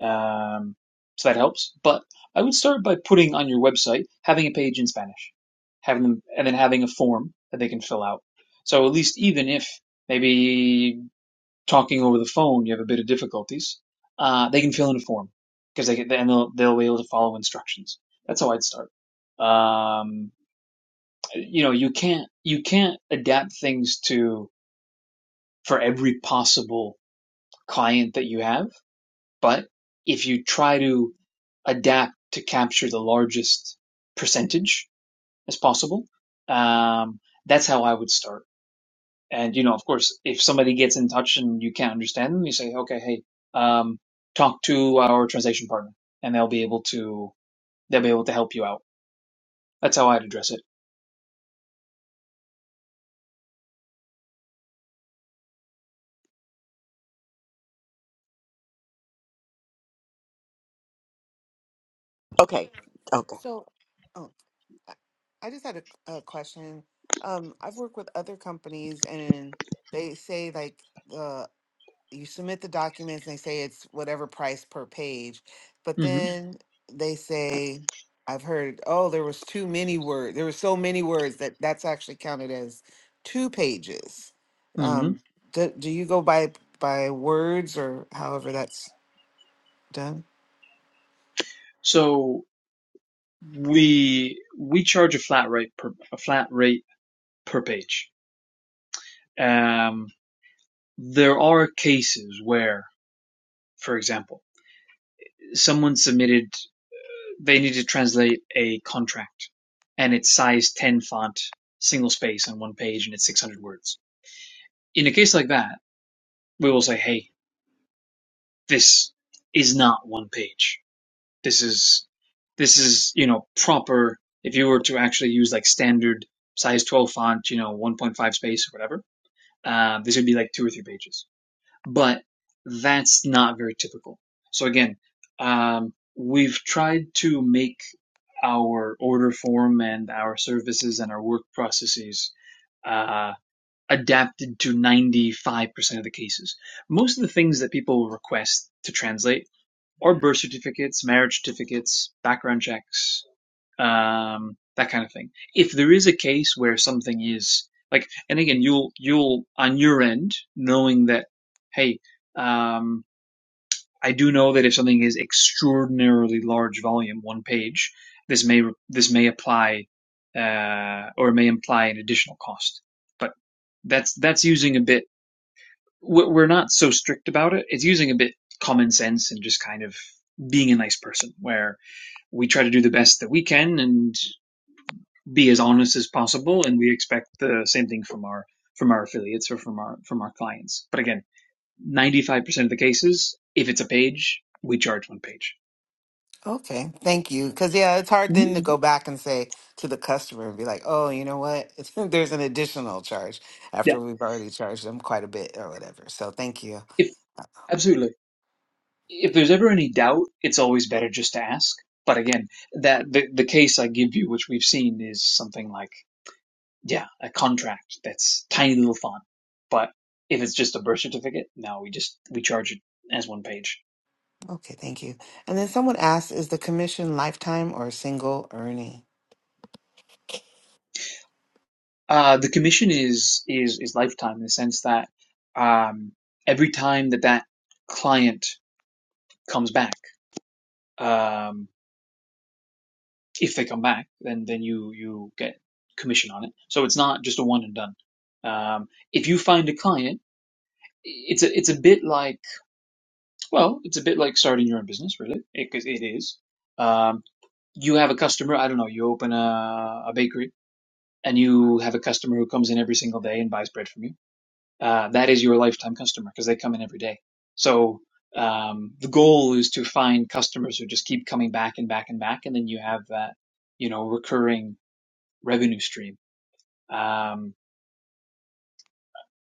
Speaker 5: Um, so that helps. But I would start by putting on your website having a page in Spanish, having them, and then having a form that they can fill out. So at least even if maybe talking over the phone, you have a bit of difficulties, uh, they can fill in a form because they get and they'll they'll be able to follow instructions. That's how I'd start. Um, you know, you can't you can't adapt things to for every possible client that you have, but if you try to adapt to capture the largest percentage as possible, um, that's how I would start. And, you know, of course, if somebody gets in touch and you can't understand them, you say, okay, hey, um, talk to our translation partner and they'll be able to, they'll be able to help you out. That's how I'd address it.
Speaker 2: Okay. Okay.
Speaker 1: So, oh, I I just had a, a question. Um, I've worked with other companies and they say like you submit the documents and they say it's whatever price per page but
Speaker 5: hmm
Speaker 1: then they say i've heard oh there was too many words there were so many words that that's actually counted as two pages
Speaker 5: hmm
Speaker 1: um do, do you go by by words or however that's done
Speaker 5: So we, we charge a flat rate per, a flat rate per page. Um, there are cases where, for example, someone submitted, they need to translate a contract and it's size 10 font, single space on one page and it's 600 words in a case like that, we will say, hey, this is not one page. This is this is, you know, proper if you were to actually use like standard size 12 font, you know, 1.5 space or whatever, uh, this would be like two or three pages. But that's not very typical. So again, um, we've tried to make our order form and our services and our work processes uh, adapted to 95% of the cases. Most of the things that people request to translate are birth certificates, marriage certificates, background checks, um, that kind of thing. If there is a case where something is like, and again, you'll, you'll on your end, knowing that, hey, um, I do know that if something is extraordinarily large volume, one page, this may this may apply uh, or may imply an additional cost. But that's that's using a bit. We're we're not so strict about it. It's using a bit common sense and just kind of being a nice person, where we try to do the best that we can and be as honest as possible, and we expect the same thing from our from our affiliates or from our from our clients. But again, ninety five percent of the cases, if it's a page, we charge one page.
Speaker 1: okay thank you because yeah it's hard
Speaker 5: Mhm.
Speaker 1: then to go back and say to the customer and be like oh you know what there's an additional charge
Speaker 5: Yeah,
Speaker 1: after we've already charged them quite a bit or whatever so thank you
Speaker 5: if absolutely. If there's ever any doubt, it's always better just to ask. But again, that the, the case I give you, which we've seen, is something like yeah, a contract that's tiny little font. But if it's just a birth certificate, no, we just we charge it as one page.
Speaker 1: Okay, thank you. And then someone asked, is the commission lifetime or single earning?
Speaker 5: Uh, the commission is is is lifetime in the sense that um, every time that that client comes back. Um, if they come back, then then you you get commission on it. So it's not just a one and done. Um, if you find a client, it's a it's a bit like well, it's a bit like starting your own business, really, because it it is. Um, you have a customer. I don't know. You open a, a bakery, and you have a customer who comes in every single day and buys bread from you. Uh, that is your lifetime customer because they come in every day. So um, the goal is to find customers who just keep coming back and back and back, and then you have that you know recurring revenue stream Um,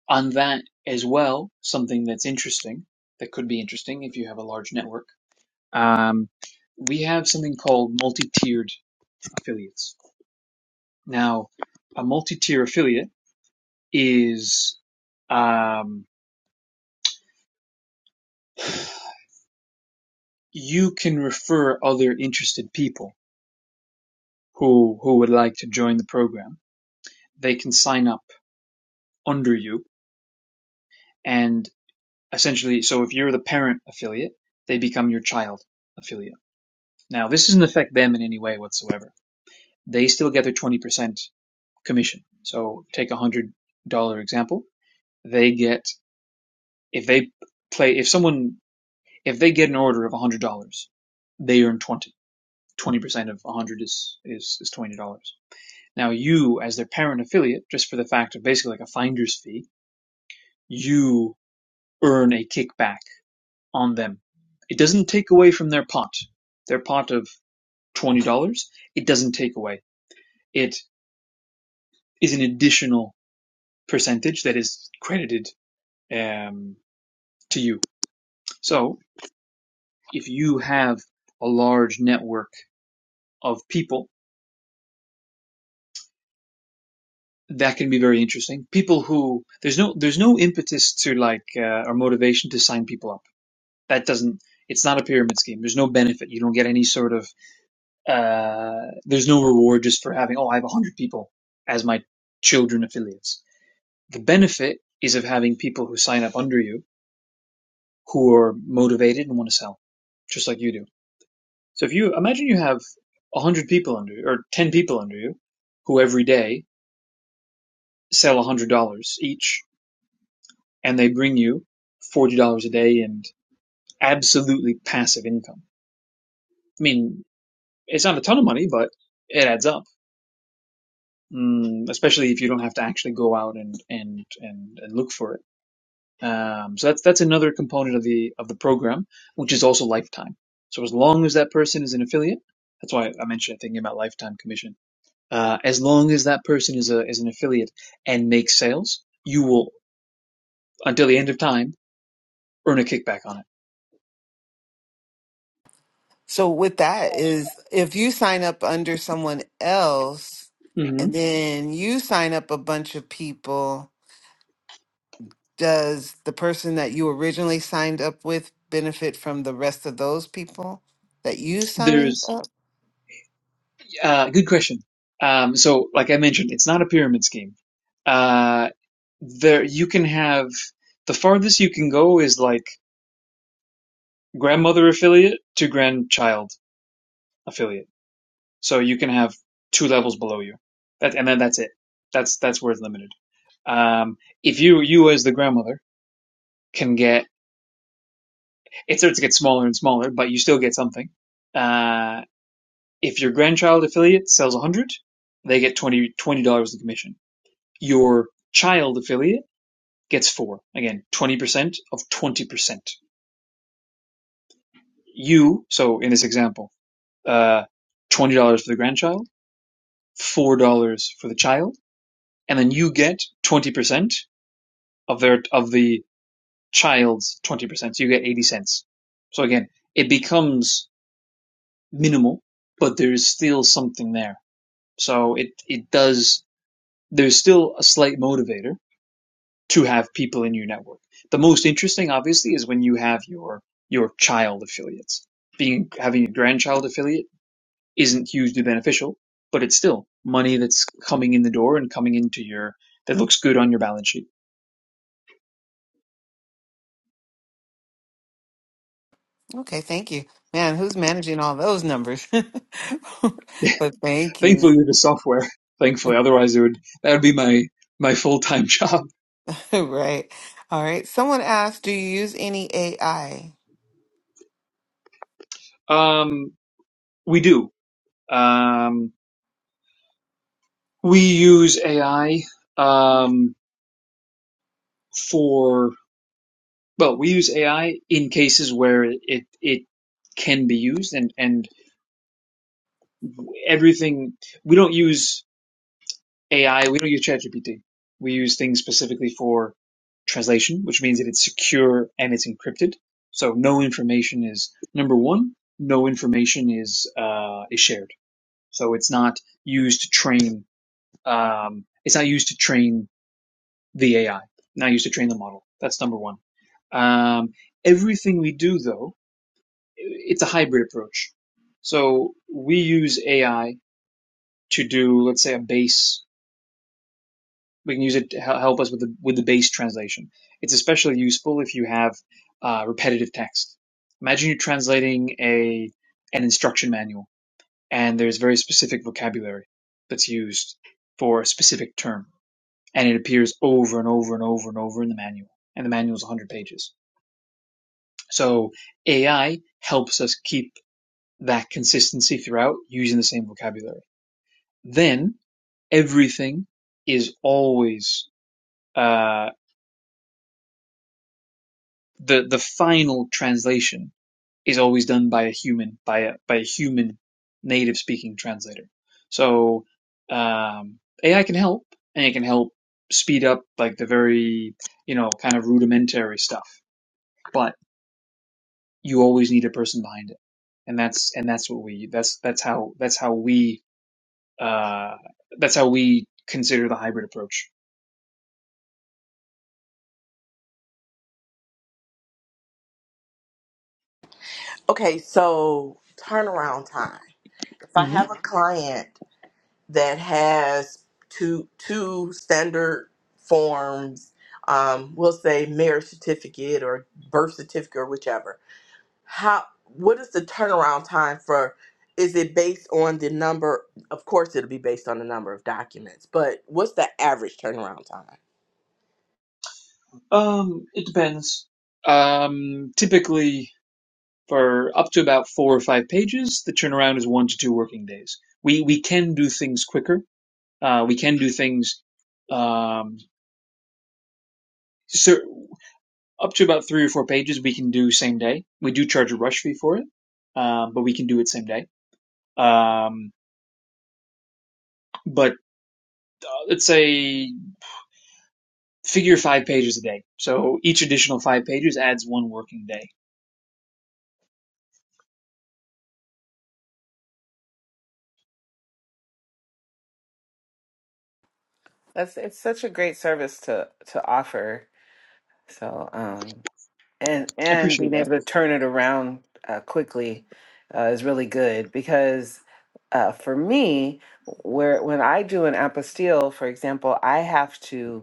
Speaker 5: on that as well, something that's interesting, that could be interesting if you have a large network, um, we have something called multi-tiered affiliates. Now, a multi-tier affiliate is um, you can refer other interested people who who would like to join the program. They can sign up under you, and essentially, so if you're the parent affiliate, they become your child affiliate Now, this doesn't affect them in any way whatsoever. They still get their 20% commission. So take a $100 example. They get, if they play, if someone, if they get an order of $100, they earn 20. 20% of 100 is, is, is $20. Now you, as their parent affiliate, just for the fact of basically like a finder's fee, you earn a kickback on them. It doesn't take away from their pot. Their pot of $20, it doesn't take away. It is an additional percentage that is credited um, to you. So if you have a large network of people, that can be very interesting. People who there's no there's no impetus to like uh, or motivation to sign people up. That doesn't. It's not a pyramid scheme. There's no benefit. You don't get any sort of. Uh, there's no reward just for having. Oh, I have a hundred people as my children affiliates. The benefit is of having people who sign up under you who are motivated and want to sell, just like you do So if you imagine you have 100 people under you, or 10 people under you, who every day sell $100 each, and they bring you $40 a day in absolutely passive income. I mean, it's not a ton of money, but it adds up, mm, especially if you don't have to actually go out and, and, and, and look for it. Um, so that's, that's another component of the, of the program, which is also lifetime. So as long as that person is an affiliate, that's why I mentioned thinking about lifetime commission Uh, as long as that person is a is an affiliate and makes sales, you will until the end of time earn a kickback on
Speaker 1: So with that is if you sign up under someone else
Speaker 5: it. hmm
Speaker 1: and then you sign up a bunch of people, does the person that you originally signed up with benefit from the rest of those people that you signed
Speaker 5: There's
Speaker 1: up?
Speaker 5: a uh, good question. Um, so, like I mentioned, it's not a pyramid scheme. Uh, there you can have the farthest you can go is like grandmother affiliate to grandchild affiliate. So you can have two levels below you, that, and then that's it. That's that's where it's limited. Um, if you you as the grandmother can get It starts to get smaller and smaller, but you still get something. Uh, if your grandchild affiliate sells 100, they get 20 dollars in commission. Your child affiliate gets four. Again, 20% of 20%. You, so in this example, uh, $20 for the grandchild, $4 for the child, and then you get 20% of their, of the child's 20%. So you get 80 cents. So again, it becomes minimal, but there's still something there So it it does. There's still a slight motivator to have people in your network. The most interesting, obviously, is when you have your your child affiliates. Being having a grandchild affiliate isn't hugely beneficial, but it's still money that's coming in the door and coming into your that looks good on your balance sheet.
Speaker 1: Okay, thank you. Man, who's managing all those numbers? but thank you.
Speaker 5: Thankfully, with the software. Thankfully, otherwise it would that would be my my full time job.
Speaker 1: right. All right. Someone asked, do you use any AI?
Speaker 5: Um, we do. Um, we use AI um, for Well, we use AI in cases where it it can be used, and and everything. We don't use AI. We don't use ChatGPT. We use things specifically for translation, which means that it's secure and it's encrypted. So no information is number one. No information is uh, is shared. So it's not used to train. Um, it's not used to train the AI. Not used to train the model. That's number one. Um, everything we do, though it's a hybrid approach. So we use AI to do, let's say, a base. We can use it to help us with the with the base translation. It's especially useful if you have uh, repetitive text. Imagine you're translating a an instruction manual, and there's very specific vocabulary that's used for a specific term, and it appears over and over and over and over in the manual, and the manual is 100 pages. So AI helps us keep that consistency throughout using the same vocabulary Then everything is always uh, the the final translation is always done by a human by a by a human native speaking translator. So um, AI can help, and it can help speed up like the very you know kind of rudimentary stuff, but you always need a person behind it, and that's and that's what we that's that's how that's how we uh, that's how we consider the hybrid approach.
Speaker 2: Okay, so turnaround time. If I
Speaker 5: Mm-hmm.
Speaker 2: have a client that has two two standard forms, um, we'll say marriage certificate or birth certificate or whichever. How what is the turnaround time for is it based on the number of course it'll be based on the number of documents, but what's the average turnaround time?
Speaker 5: Um, it depends. Um, typically for up to about four or five pages, the turnaround is one to two working days. We we can do things quicker. Uh, we can do things um, cer up to about three or four pages. We can do same day. We do charge a rush fee for it, um, but we can do it same day. Um, but uh, let's say figure five pages a day. So each additional five pages adds one working day.
Speaker 1: That's it's such a great service to to offer. So um and
Speaker 5: I
Speaker 1: and
Speaker 5: appreciate
Speaker 1: being
Speaker 5: that.
Speaker 1: able to turn it around uh, quickly uh, is really good because uh, for me, where when I do an apostille, for example, I have to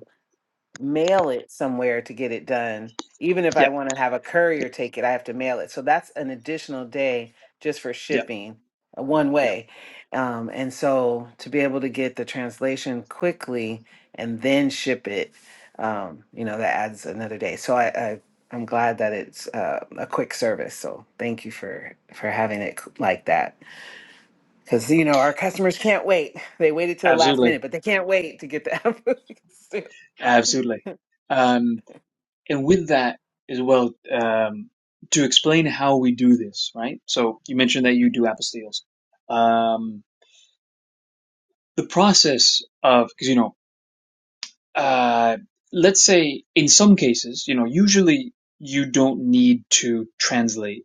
Speaker 1: mail it somewhere to get it done. Even if I
Speaker 5: Yeah,
Speaker 1: want to have a courier take it, I have to mail it. So that's an additional day just for
Speaker 5: yeah,
Speaker 1: shipping uh, one
Speaker 5: yeah,
Speaker 1: way. Um, and so to be able to get the translation quickly and then ship it, um, you know, that adds another day. So I, I I'm glad that it's uh, a quick service. So thank you for for having it c- like that. Because you know our customers can't wait. They waited till the last
Speaker 5: absolutely.
Speaker 1: minute, but they can't wait to get the application.
Speaker 5: Absolutely. Um, and with that as well, um, to explain how we do this, right? So you mentioned that you do apostilles. Um, the process of, because, you know, uh, let's say in some cases, you know, usually you don't need to translate.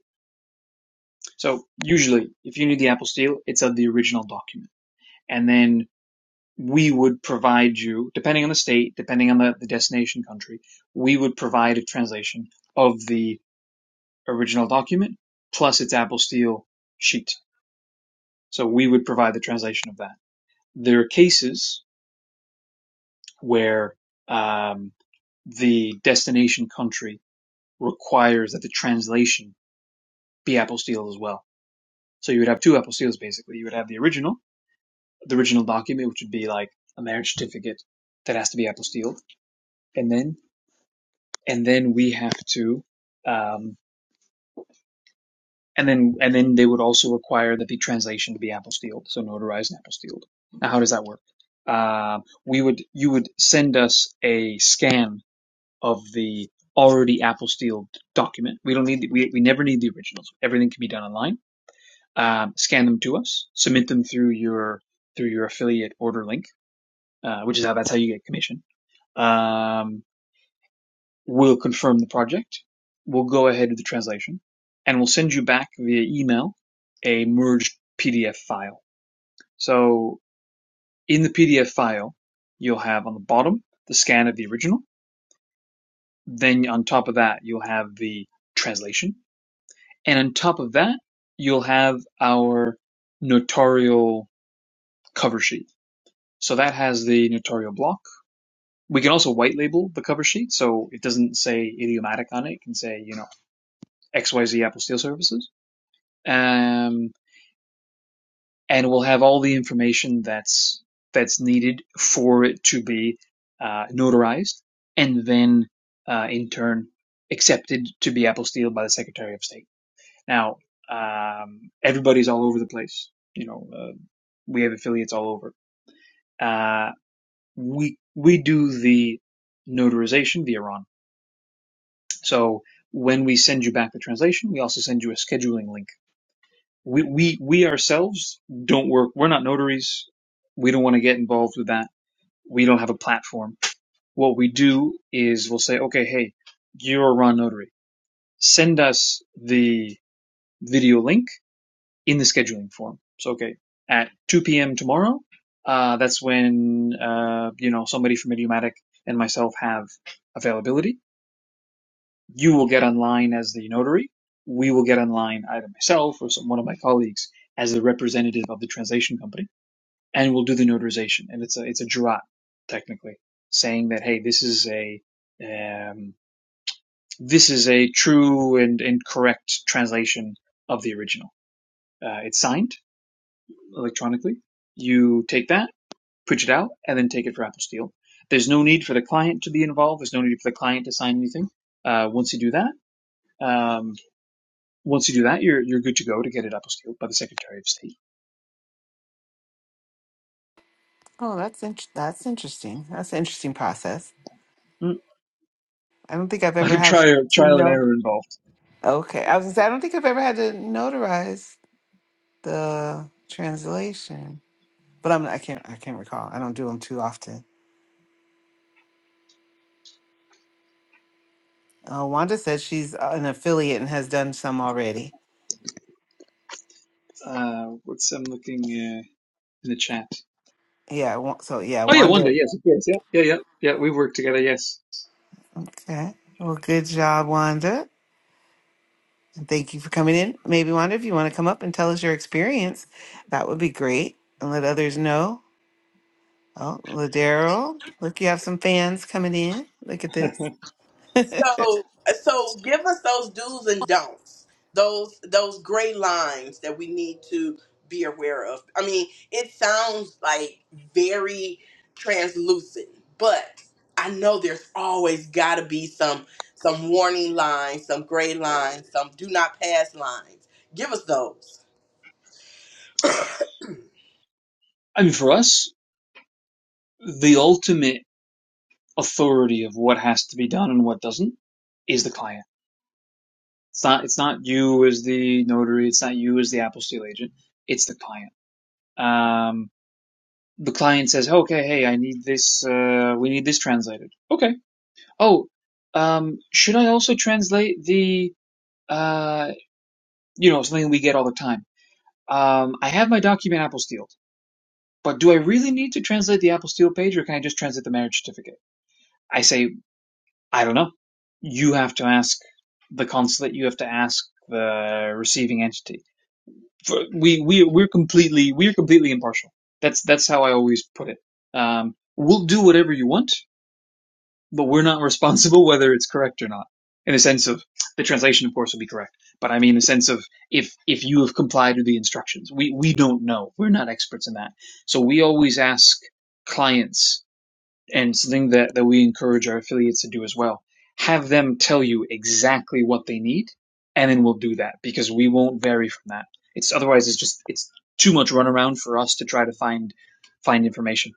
Speaker 5: So usually, if you need the apostille, it's of the original document. And then we would provide you, depending on the state, depending on the, the destination country, we would provide a translation of the original document plus its Apple Steel sheet. So we would provide the translation of that. There are cases where um, the destination country requires that the translation be Apple Steel as well. So you would have two Apple Steels basically. You would have the original, the original document, which would be like a marriage certificate that has to be Apple Steel, and then and then we have to um, And then and then they would also require that the translation to be apostilled, so notarized and apostilled. Now, how does that work? Uh, we would you would send us a scan of the already apostilled document. We don't need the, we we never need the originals. Everything can be done online. Um, scan them to us. Submit them through your through your affiliate order link, uh, which is how that's how you get commission. Um, we'll confirm the project, we'll go ahead with the translation, and we'll send you back via email a merged PDF file. So in the PDF file, you'll have on the bottom the scan of the original. Then on top of that, you'll have the translation. And on top of that, you'll have our notarial cover sheet. So that has the notarial block. We can also white label the cover sheet. So it doesn't say idiomatic on it. It can say, you know, XYZ Apple Steel Services um, and we'll have all the information that's that's needed for it to be uh, notarized and then uh, in turn accepted to be apostilled by the Secretary of State. Now, um, everybody's all over the place. You know, uh, we have affiliates all over. Uh, we we do the notarization via Ron. So when we send you back the translation, we also send you a scheduling link we we we ourselves don't work we're not notaries we don't want to get involved with that we don't have a platform what we do is we'll say okay hey you're a raw notary send us the video link in the scheduling form so okay at 2 p.m tomorrow uh, that's when uh, you know somebody from idiomatic and myself have availability you will get online as the notary we will get online either myself or some one of my colleagues as the representative of the translation company and we'll do the notarization. And it's a it's a jurat technically saying that hey, this is a um, this is a true and, and correct translation of the original. Uh, it's signed electronically. You take that, print it out, and then take it for Apple Steel. There's no need for the client to be involved. There's no need for the client to sign anything. Uh, once you do that, um, once you do that, you're you're good to go to get it Apple Steel by the Secretary of State.
Speaker 1: Oh, that's in- that's interesting. That's an interesting process.
Speaker 5: Mm.
Speaker 1: I don't think I've
Speaker 5: A lot
Speaker 1: ever
Speaker 5: of
Speaker 1: had
Speaker 5: trial,
Speaker 1: to
Speaker 5: trial and
Speaker 1: know.
Speaker 5: error involved.
Speaker 1: Okay, I was gonna say I don't think I've ever had to notarize the translation, but I'm I can't I can't recall. I don't do them too often. Uh, Wanda said she's uh, an affiliate and has done some already.
Speaker 5: Uh, what's I'm looking uh, in the chat.
Speaker 1: Yeah, Wa- so yeah,
Speaker 5: Oh yeah, one day,
Speaker 1: Wanda.
Speaker 5: yes, of course, yeah, yeah, yeah, yeah. We've worked together, yes.
Speaker 1: Okay, well, good job, Wanda. And Thank you for coming in. Maybe Wanda, if you want to come up and tell us your experience, that would be great, and let others know. Oh, Ladero, look, you have some fans coming in. Look at this.
Speaker 5: I
Speaker 1: yeah,
Speaker 2: So, so give us those do's and don'ts. Those those gray lines that we need to be aware of. I mean, it sounds like very translucent, but I know there's always got to be some some warning lines, some gray lines, some do not pass lines. Give us those.
Speaker 5: mean, for us, the ultimate authority of what has to be done and what doesn't is the client. It's not, it's not you as the notary. It's not you as the apostille agent. It's the client. Um, the client says, okay, hey, I need this, uh, we need this translated. Okay. Oh, um, should I also translate the, uh, you know, something we get all the time. Um, I have my document apostille. But do I really need to translate the apostille page or can I just translate the marriage certificate? I say, I don't know. You have to ask the consulate, you have to ask the receiving entity. We we we're completely we're completely impartial. That's that's how I always put it. Um, we'll do whatever you want, but we're not responsible whether it's correct or not. In the sense of the translation, of course, will be correct, but I mean in the sense of if if you have complied with the instructions, we we don't know. We're not experts in that, so we always ask clients and something that, that we encourage our affiliates to do as well. Have them tell you exactly what they need, and then we'll do that because we won't vary from that. It's otherwise it's just it's too much runaround for us to try to find find information.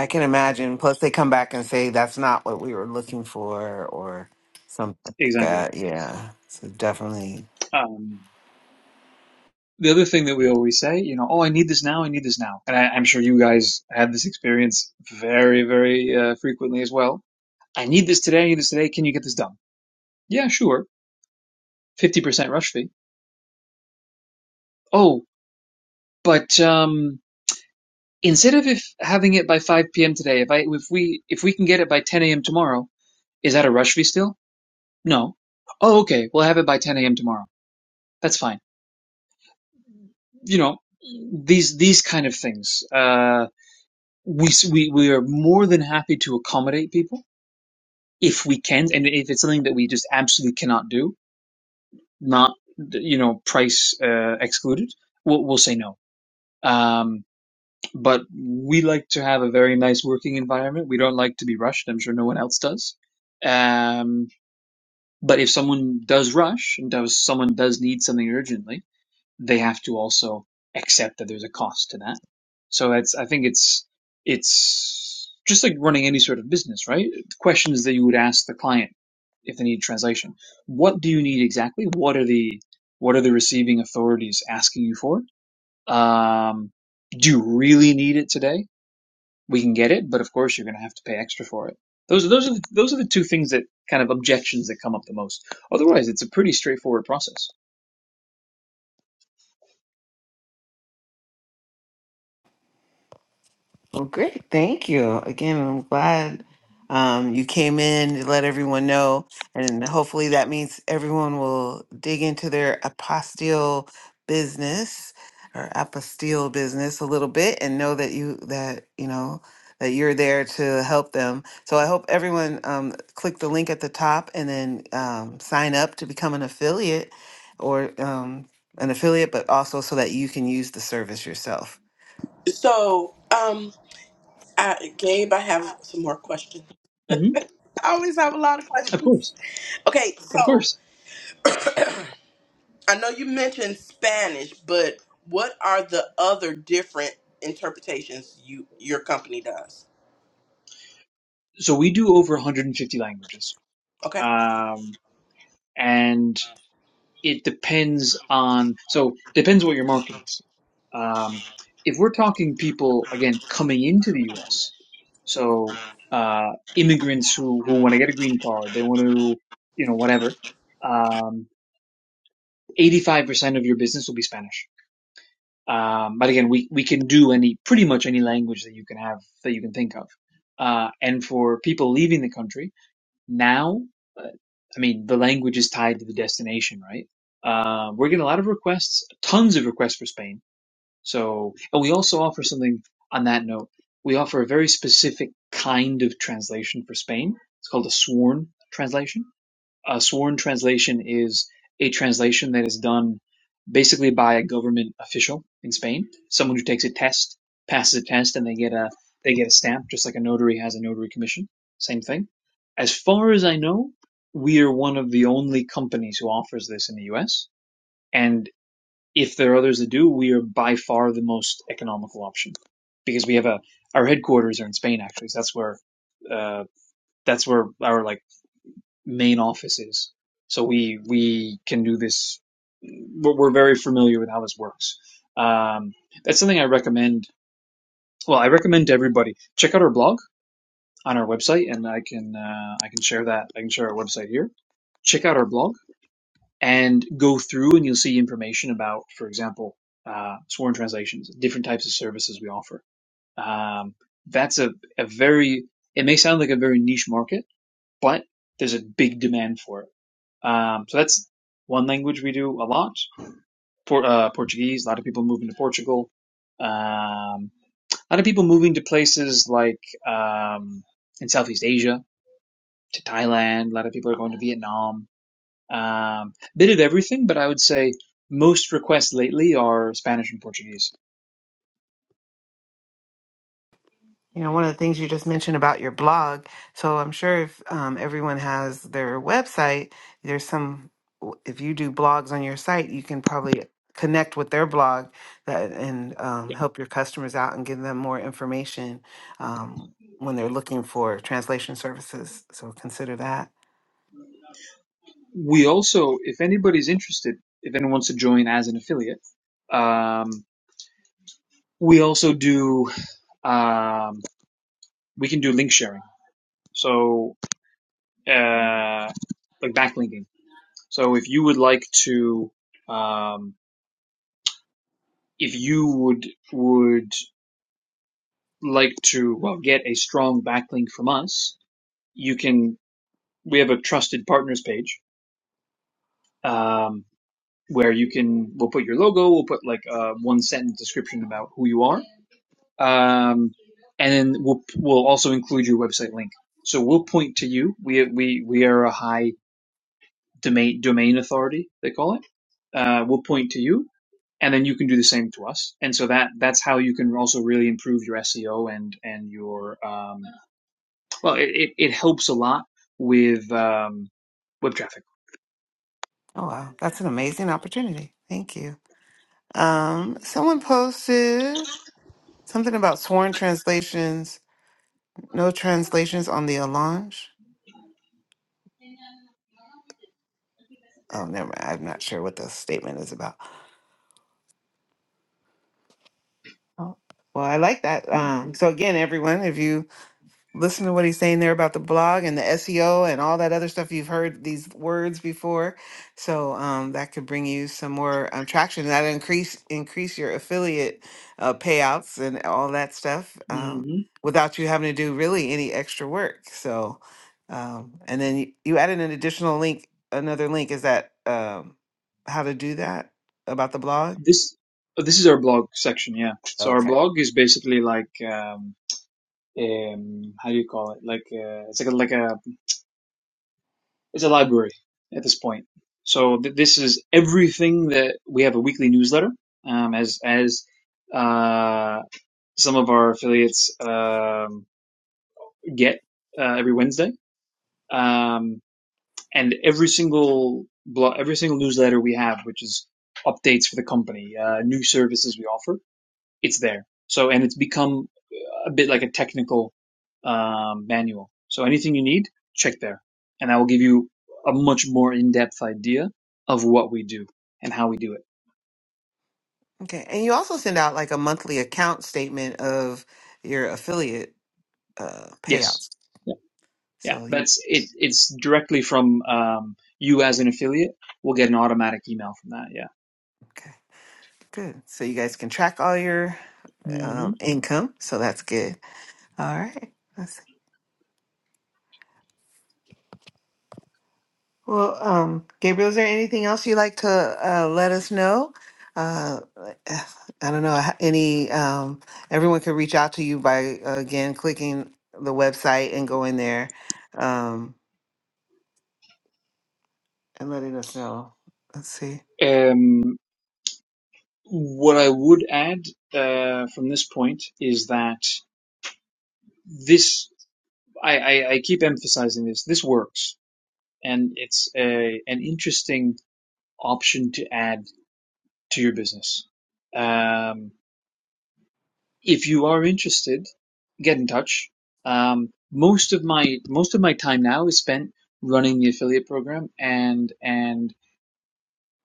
Speaker 1: I can imagine. Plus, they come back and say that's not what we were looking for, or something like
Speaker 5: Exactly.
Speaker 1: that. Yeah, so definitely
Speaker 5: Um, the other thing that we always say, you know, oh, I need this now, I need this now, and I, I'm sure you guys had this experience very, very uh, frequently as well. I need this today, I need this today. Can you get this done? Yeah, sure. Fifty percent rush fee. Oh, but um, instead of if having it by 5 p.m. today, if I if we if we can get it by 10 a.m. tomorrow, is that a rush fee still? No. Oh, okay. We'll have it by 10 a.m. tomorrow. That's fine. You know, these these kind of things. Uh, we we we are more than happy to accommodate people if we can, and if it's something that we just absolutely cannot do, not you know price uh, excluded, we'll, we'll say no. Um, but we like to have a very nice working environment. We don't like to be rushed. I'm sure no one else does. Um, but if someone does rush and does someone does need something urgently, they have to also accept that there's a cost to that. So it's I think it's it's just like running any sort of business, right? The questions that you would ask the client if they need translation. What do you need exactly? What are the what are the receiving authorities asking you for? Um, do you really need it today? we can get it, but of course you're going to have to pay extra for it. Those are those are the, those are the two things that kind of objections that come up the most. Otherwise, it's a pretty straightforward process.
Speaker 1: Well, great. Thank you. Again, I'm glad um, you came in to let everyone know. And hopefully that means everyone will dig into their apostille business or apostille business a little bit and know that you, that, you know, that you're there to help them. So I hope everyone um, click the link at the top and then um, sign up to become an affiliate or um, an affiliate, but also so that you can use the service yourself.
Speaker 2: So, um, I, Gabe, I have some more questions.
Speaker 5: hmm
Speaker 2: I always have a lot of
Speaker 5: Of
Speaker 2: questions.
Speaker 5: course,
Speaker 2: Okay,
Speaker 5: of
Speaker 2: so
Speaker 5: course.
Speaker 2: I know you mentioned Spanish, but what are the other different interpretations you your company does?
Speaker 5: So we do over 150 languages,
Speaker 2: Okay.
Speaker 5: um, and it depends on so depends what your market is. Um, if we're talking people again coming into the U.S., so uh, immigrants who who want to get a green card, they want to you know whatever. Um, 85% of your business will be Spanish. Um, but again, we, we can do any, pretty much any language that you can have, that you can think of. Uh, and for people leaving the country now, uh, I mean, the language is tied to the destination, right? Uh, we're getting a lot of requests, tons of requests for Spain. So, and we also offer something on that note. We offer a very specific kind of translation for Spain. It's called a sworn translation a sworn translation is a translation that is done basically by a government official in Spain, someone who takes a test, passes a test, and they get a they get a stamp, just like a notary has a notary commission. Same thing. As far as I know, we are one of the only companies who offers this in the U.S. And if there are others that do, we are by far the most economical option because we have a our headquarters are in Spain actually. So that's where uh, that's where our like main office is. So we we can do this. We're, we're very familiar with how this works. Um, that's something I recommend. Well, I recommend to everybody check out our blog on our website, and I can uh, I can share that. I can share our website here. Check out our blog and go through, and you'll see information about, for example, uh, sworn translations, different types of services we offer. Um, that's a, a very. It may sound like a very niche market, but there's a big demand for it um, so that's one language we do a lot. Por- uh, Portuguese. A lot of people moving to Portugal. Um, a lot of people moving to places like um, in Southeast Asia to Thailand. A lot of people are going to Vietnam. Um, bit of everything, but I would say most requests lately are Spanish and Portuguese.
Speaker 1: You know, one of the things you just mentioned about your blog. So I'm sure if um, everyone has their website, there's some, if you do blogs on your site, you can probably connect with their blog that, and um, help your customers out and give them more information um, when they're looking for translation services. So consider that.
Speaker 5: We also, if anybody's interested, if anyone wants to join as an affiliate, um, we also do um, we can do link sharing. So uh, like backlinking. So if you would like to, um, if you would would like to well get a strong backlink from us, you can. We have a trusted partners page um, where you can. We'll put your logo. We'll put like a one sentence description about who you are, um, and then we'll we'll also include your website link. So we'll point to you. We we we are a high domain domain authority. They call it. Uh, we'll point to you and then you can do the same to us. And so that that's how you can also really improve your SEO and and your um, well, it, it, helps a lot with um, web traffic.
Speaker 1: Oh, wow. That's an amazing opportunity. Thank you. Um, someone posted something about sworn translations, no translations on the Alange. Oh, never mind. I'm not sure what the statement is about. Oh, well, I like that. Um, so again, everyone, if you listen to what he's saying there about the blog and the SEO and all that other stuff, you've heard these words before. So um, that could bring you some more um, traction. That increase increase your affiliate uh, payouts and all that stuff um,
Speaker 5: hmm
Speaker 1: without you having to do really any extra work. So, um, and then you, you added an additional link, another link. Is that um, how to do that about the blog?
Speaker 5: This this is our blog section, yeah. So our
Speaker 1: Okay.
Speaker 5: blog is basically like um, um, how do you call it? Like uh, it's like a, like a it's a library at this point. So th- this is everything that we have a weekly newsletter um, as as uh, some of our affiliates. Um, get uh, every Wednesday. Um, and every single blog, every single newsletter we have, which is updates for the company, uh, new services we offer, it's there. So, and it's become a bit like a technical um, manual. So anything you need, check there, and I will give you a much more in-depth idea of what we do and how we do it.
Speaker 1: Okay. And you also send out like a monthly account statement of your affiliate uh
Speaker 5: Yes,
Speaker 1: payouts.
Speaker 5: yeah, yeah.
Speaker 1: So you
Speaker 5: That's it. It's directly from um, you as an affiliate. We'll get an automatic email from that. Yeah.
Speaker 1: okay, good. So you guys can track all your
Speaker 5: Mm-hmm.
Speaker 1: um income. So that's good. All right. Let's see. Well, um, Gabriel, is there anything else you'd like to uh, let us know? Uh, I don't know. Any um, everyone could reach out to you by uh, again clicking the website and going there um, and letting us know. Let's see.
Speaker 5: Um, what I would add uh, from this point is that this I, I, I keep emphasizing this. This works, and it's a, an interesting option to add to your business. Um, if you are interested, get in touch. Um, most of my most of my time now is spent running the affiliate program and and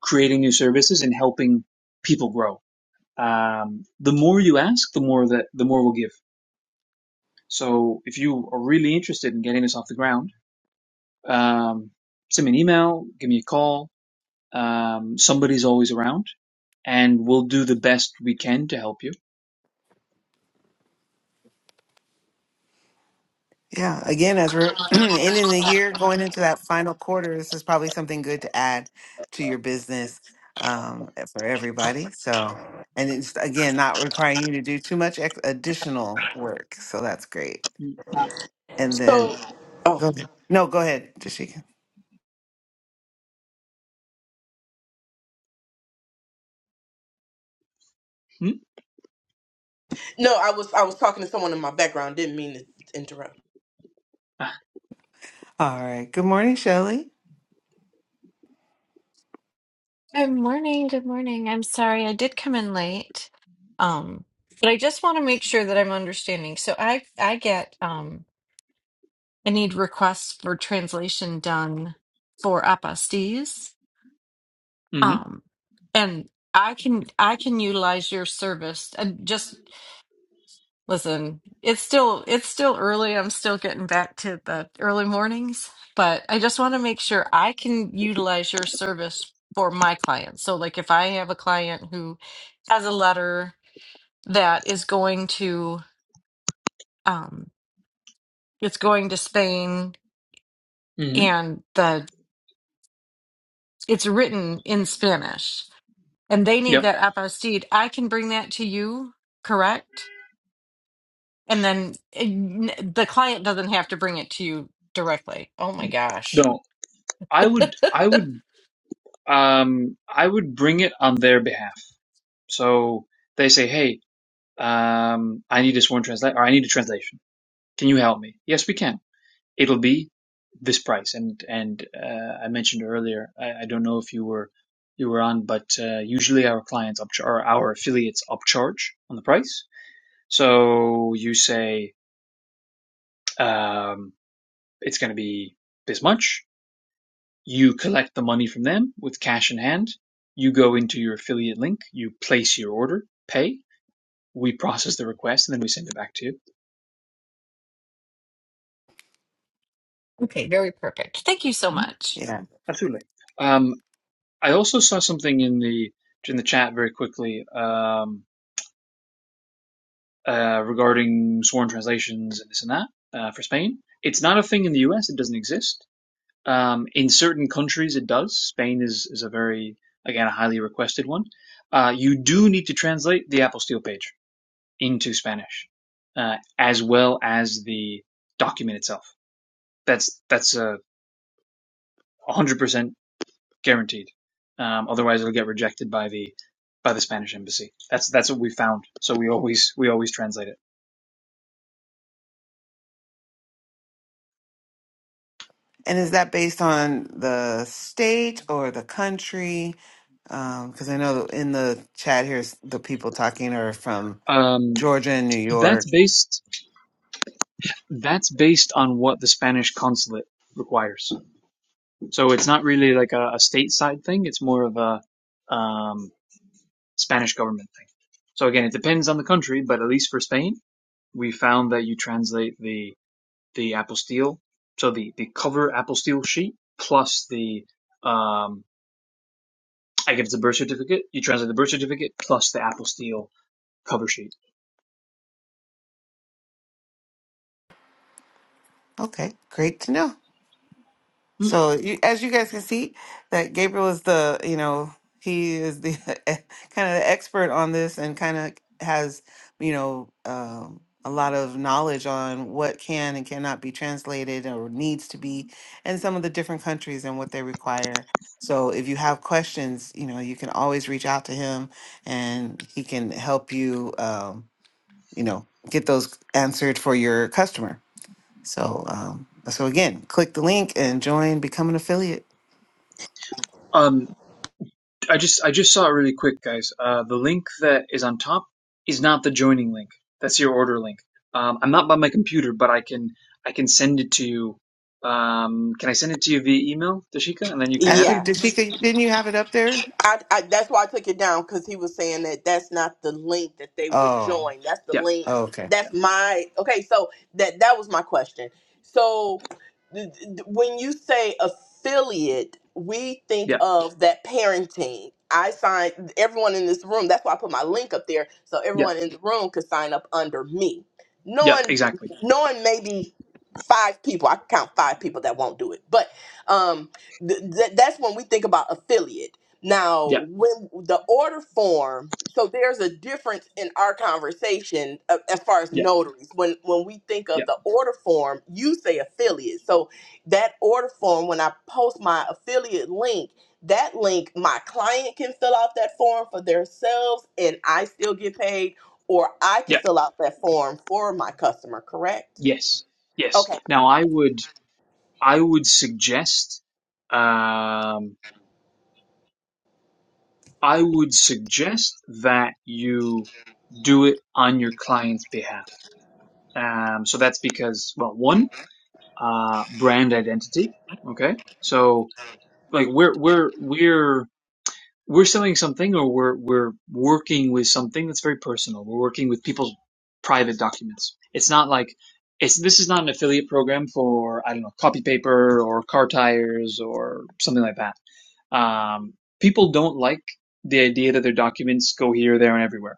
Speaker 5: creating new services and helping people grow. Um, the more you ask, the more that the more we'll give So if you are really interested in getting this off the ground, um, send me an email, give me a call. Um, somebody's always around, and we'll do the best we can to help you.
Speaker 1: Yeah, again, as we're ending the year, going into that final quarter, this is probably something good to add to your business um, eh, for everybody. So, and it's again not requiring you to do too much ex- additional work. So that's great. And
Speaker 2: So,
Speaker 1: then
Speaker 2: oh
Speaker 1: go ahead. No, go ahead, Jashika.
Speaker 5: hmm
Speaker 2: no, I was I was talking to someone in my background. Didn't mean to interrupt.
Speaker 1: All right. Good morning, Shelley.
Speaker 6: Good morning. Good morning. I'm sorry I did come in late. Um, but I just want to make sure that I'm understanding. So I I get um I need requests for translation done for apostees.
Speaker 5: hmm
Speaker 6: Um, and I can I can utilize your service and just Listen, it's still it's still early. I'm still getting back to the early mornings, but I just want to make sure I can utilize your service for my clients. So like if I have a client who has a letter that is going to um it's going to Spain
Speaker 5: hmm
Speaker 6: and the it's written in Spanish and they need
Speaker 5: Yep.
Speaker 6: that apostille, I can bring that to you, correct? And then eh, n- the client doesn't have to bring it to you directly. Oh my gosh.
Speaker 5: No, I would, I would, um, I would bring it on their behalf. So they say, "Hey, um, I need this one translate, or I need a translation. Can you help me?" Yes, we can it'll be this price. And and uh, I mentioned earlier, I, I don't know if you were you were on, but uh, usually our clients upchar- or our affiliates upcharge on the price. So you say um, it's going to be this much. You collect the money from them with cash in hand. You go into your affiliate link. You place your order, pay. We process the request, and then we send it back to you.
Speaker 6: Okay, very perfect. Thank you so
Speaker 5: Mhm.
Speaker 6: much.
Speaker 1: Yeah.
Speaker 5: Absolutely. Um, I also saw something in the in the chat very quickly. Um, uh, regarding sworn translations and this and that uh, for Spain. It's not a thing in the US, it doesn't exist. Um, in certain countries, it does. Spain is, is a very, again, a highly requested one. Uh, you do need to translate the apostille page into Spanish, uh, as well as the document itself. That's that's a uh, one hundred percent guaranteed. Um, otherwise, it'll get rejected by the by the Spanish embassy. That's that's what we found. So we always we always translate it.
Speaker 1: And is that based on the state or the country? Because I know in the chat here, the people talking are from
Speaker 5: Um,
Speaker 1: Georgia and New York.
Speaker 5: that's based That's based on what the Spanish consulate requires. So it's not really like a, a stateside thing. It's more of a um, Spanish government thing. So again, it depends on the country, but at least for Spain, we found that you translate the the apostille, so the the cover apostille sheet plus the um, like if it's a birth certificate, you translate the birth certificate plus the apostille cover sheet.
Speaker 1: Okay, great to know. So, you, as you guys can see, that Gabriel is the, you know, he is the kind of the expert on this and kind of has, you know, um, a lot of knowledge on what can and cannot be translated or needs to be in some of the different countries and what they require. So, if you have questions, you know, you can always reach out to him and he can help you, um, you know, get those answered for your customer. So, um, so again, click the link and join, become an affiliate.
Speaker 5: Um, I just I just saw it really quick, guys. Uh, the link that is on top is not the joining link. That's your order link. Um, I'm not by my computer, but I can I can send it to you. Um, can I send it to you via email, Dashika, and then you can add it?
Speaker 1: Actually,
Speaker 2: Yeah.
Speaker 1: Dashika, didn't you have it up there?
Speaker 2: I, I that's why I took it down because he was saying that that's not the link that they would
Speaker 1: Oh,
Speaker 2: join. That's the
Speaker 5: Yeah,
Speaker 2: link.
Speaker 1: oh, okay.
Speaker 5: yeah,
Speaker 2: That's my okay. So that that was my question. So th- th- when you say affiliate, we think
Speaker 5: yeah,
Speaker 2: of that parenting. I signed everyone in this room. That's why I put my link up there so
Speaker 5: yeah,
Speaker 2: everyone in the room could sign up under me.
Speaker 5: yeah.
Speaker 2: Knowing
Speaker 5: Exactly.
Speaker 2: knowing maybe five people, I can count five people that won't do it, but um th- th- that's when we think about affiliate now,
Speaker 5: Yeah,
Speaker 2: when the order form, so there's a difference in our conversation uh, as far as
Speaker 5: yeah,
Speaker 2: notaries. When when we think of
Speaker 5: yeah,
Speaker 2: the order form, you say affiliate. So that order form, when I post my affiliate link, that link my client can fill out that form for themselves, and I still get paid, or I can
Speaker 5: yeah.
Speaker 2: fill out that form for my customer. Correct?
Speaker 5: Yes, yes.
Speaker 2: Okay,
Speaker 5: Now I would I would suggest um, I would suggest that you do it on your client's behalf Um, so that's because, well, one, uh, brand identity. Okay. So like we're, we're, we're, we're selling something or we're, we're working with something that's very personal. We're working with people's private documents. It's not like it's, this is not an affiliate program for, I don't know, copy paper or car tires or something like that. Um, people don't like the idea that their documents go here, there and everywhere.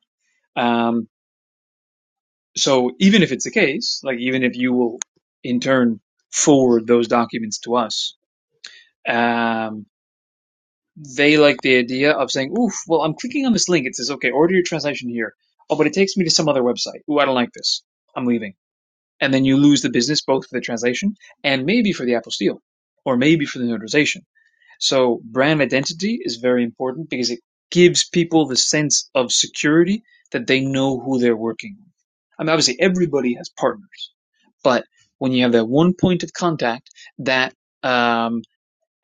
Speaker 5: Um, So even if it's the case, like even if you will in turn forward those documents to us, um, they like the idea of saying, "Oof, well, I'm clicking on this link. It says, okay, order your translation here. Oh, but it takes me to some other website. Ooh, I don't like this. I'm leaving." And then you lose the business both for the translation and maybe for the apostille, or maybe for the notarization. So brand identity is very important because it gives people the sense of security that they know who they're working with. I mean, obviously, everybody has partners but when you have that one point of contact, that um,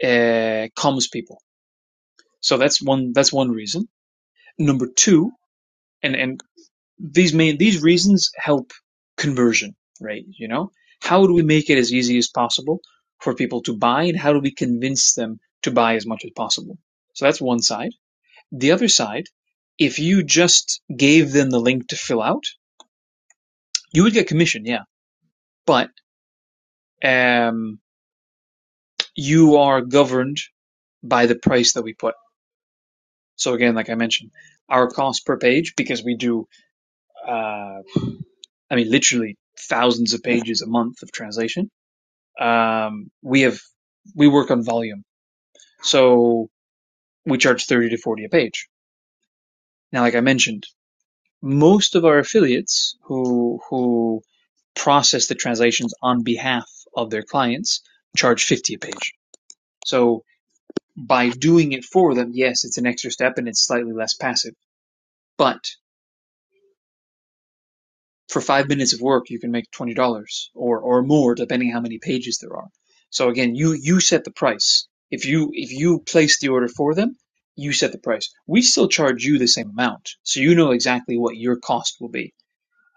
Speaker 5: uh, calms people. So that's one. That's one reason. Number two, and and these main these reasons help conversion, right? You know, how do we make it as easy as possible for people to buy, and how do we convince them to buy as much as possible? So that's one side. The other side, if you just gave them the link to fill out, you would get commission, yeah, but um, you are governed by the price that we put. So again, like I mentioned, our cost per page, because we do, uh, I mean, literally thousands of pages a month of translation. Um, we have, we work on volume. So we charge 30 to 40 a page. Now, like I mentioned, most of our affiliates who, who process the translations on behalf of their clients charge 50 a page. So by doing it for them, yes, it's an extra step and it's slightly less passive. But for five minutes of work, you can make twenty dollars or or more, depending how many pages there are. So again, you you set the price. If you if you place the order for them, you set the price. We still charge you the same amount, so you know exactly what your cost will be.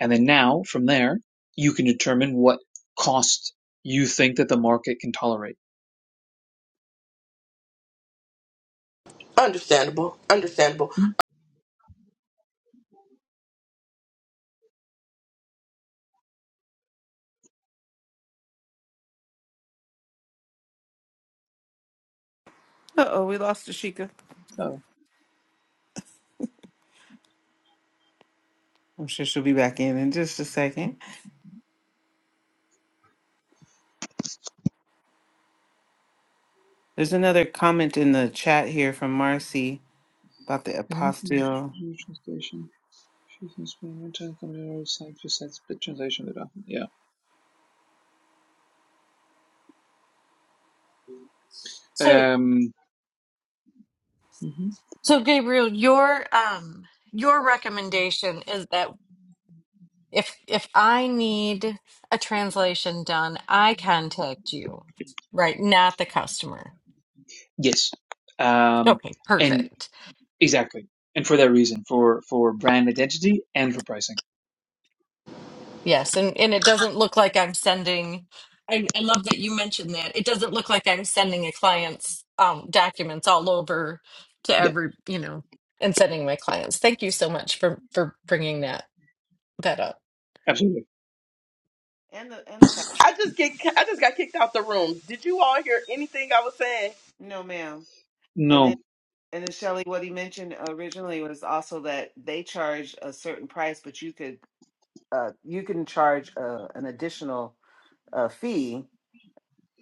Speaker 5: And then now from there, you can determine what cost you think that the market can tolerate.
Speaker 2: understandable, understandable.
Speaker 1: Uh oh, we lost Dashika.
Speaker 5: So,
Speaker 1: I'm sure she'll be back in in just a second. There's another comment in the chat here from Marcy about the apostille
Speaker 5: She can spend more time computer side to side split translation data. Yeah.
Speaker 6: So,
Speaker 5: Um, mhm.
Speaker 6: so Gabriel, your um your recommendation is that if if I need a translation done, I contact you, right? Not the customer.
Speaker 5: Yes. Um,
Speaker 6: Okay,
Speaker 5: and
Speaker 6: perfect.
Speaker 5: exactly. And for that reason, for for brand identity and for pricing.
Speaker 6: Yes, and and it doesn't look like I'm sending. I, I love that you mentioned that. It doesn't look like I'm sending a client's um, documents all over to
Speaker 5: Yeah,
Speaker 6: every, you know, and sending my clients. Thank you so much for for bringing that that up.
Speaker 5: absolutely.
Speaker 1: and the and the fact.
Speaker 2: I just get I just got kicked out the room. Did you all hear anything I was saying?
Speaker 1: No, ma'am. And then
Speaker 5: No.
Speaker 1: and then Shelly, what he mentioned originally was also that they charge a certain price, but you could uh, you can charge uh, an additional uh, fee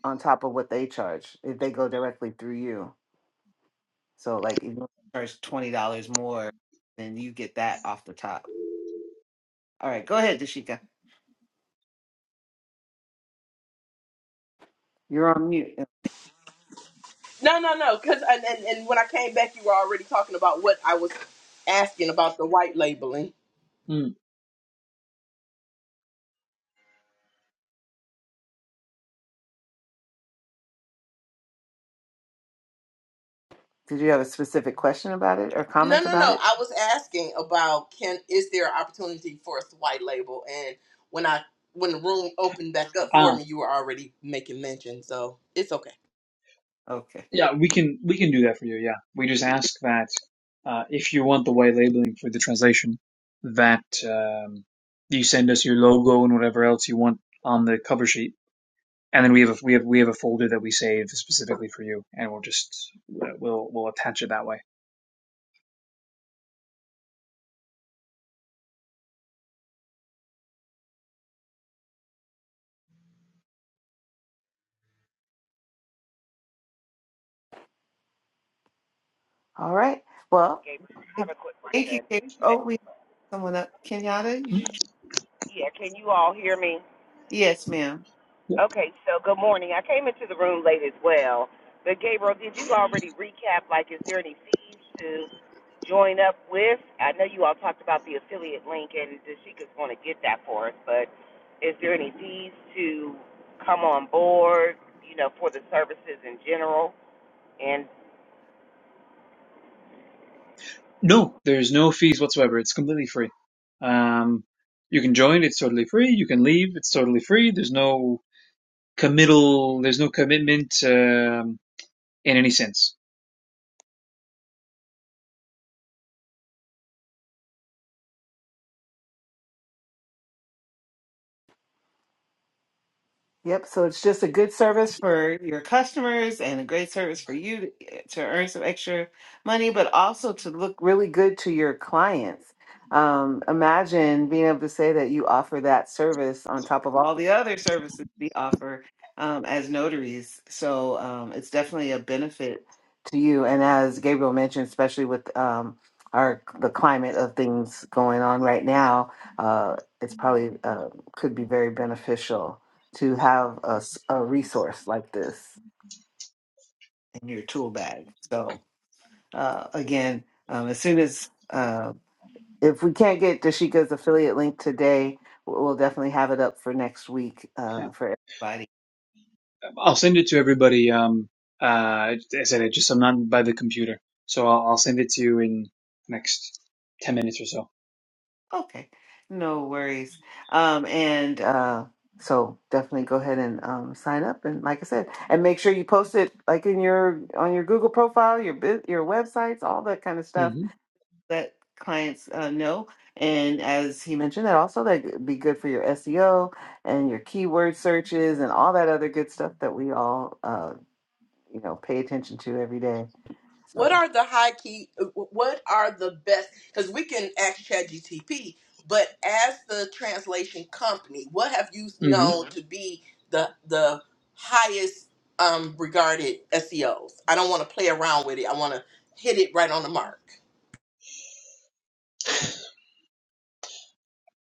Speaker 1: on top of what they charge if they go directly through you. So like if you charge twenty dollars more, then you get that off the top. All right, go ahead, Dashika. You're on mute.
Speaker 2: No, no, no. Because and, and and when I came back, you were already talking about what I was asking about the white labeling.
Speaker 5: Mm.
Speaker 1: Did you have a specific question about it or
Speaker 2: No,
Speaker 1: comment
Speaker 2: no, no.
Speaker 1: about it?
Speaker 2: I was asking about can is there an opportunity for us to white label? And when I when the room opened back up for
Speaker 5: Ah,
Speaker 2: me, you were already making mention. So it's okay.
Speaker 1: Okay.
Speaker 5: yeah. We can we can do that for you. Yeah. We just ask that uh, if you want the white labeling for the translation, that um, you send us your logo and whatever else you want on the cover sheet and then we have a, we have we have a folder that we save specifically for you, and we'll just we'll we'll attach it that way.
Speaker 1: All right. Well,
Speaker 7: Gabriel, I
Speaker 1: again,
Speaker 7: have a quick
Speaker 1: thank you.
Speaker 7: question.
Speaker 1: Kate.
Speaker 7: Uh,
Speaker 1: Oh, we have someone up. Kenyatta.
Speaker 5: Mm,
Speaker 1: You,
Speaker 7: Yeah, can you all hear me?
Speaker 1: yes, ma'am.
Speaker 5: yeah.
Speaker 7: Okay, so good morning. I came into the room late as well. But Gabriel, did you already recap? Like, is there any fees to join up with? I know you all talked about the affiliate link, and Dashika's going to get that for us. But is there any fees to come on board? You know, for the services in general. And
Speaker 5: No, there's no fees whatsoever. It's completely free. Um, you can join; it's totally free. You can leave; it's totally free. There's no committal. There's no commitment um, in any sense.
Speaker 1: Yep. So it's just a good service for your customers and a great service for you to, eh, to earn some extra money, but also to look really good to your clients. Um, imagine being able to say that you offer that service on top of all the other services we offer um, as notaries. So um, it's definitely a benefit to you. And as Gabriel mentioned, especially with um, our the climate of things going on right now, uh, it's probably uh, could be very beneficial to have a, s- a resource like this in your tool bag. So, uh, again, um, as soon as uh, if we can't get Dashika's affiliate link today, we'll we'll definitely have it up for next week
Speaker 5: Yeah.
Speaker 1: uh, for everybody.
Speaker 5: I'll send it to everybody. Um, uh, I said it just I'm not by the computer, so I'll, I'll send it to you in the next ten minutes or so.
Speaker 1: Okay, no worries. Um, and uh, so definitely go ahead and um, sign up. And like I said, and make sure you post it like in your on your Google profile, your bu- your websites, all that kind of stuff
Speaker 5: hmm
Speaker 1: Let clients uh, know. And as he mentioned, that also that be good for your SEO and your keyword searches and all that other good stuff that we all uh, you know pay attention to every day.
Speaker 2: What
Speaker 1: So.
Speaker 2: are the high key? What are the best? Because we can ask ChatGTP, but as the translation company, what have you
Speaker 5: hmm
Speaker 2: known hmm to be the the highest um, regarded SEOs? I don't want to play around with it. I want to hit it right on the mark.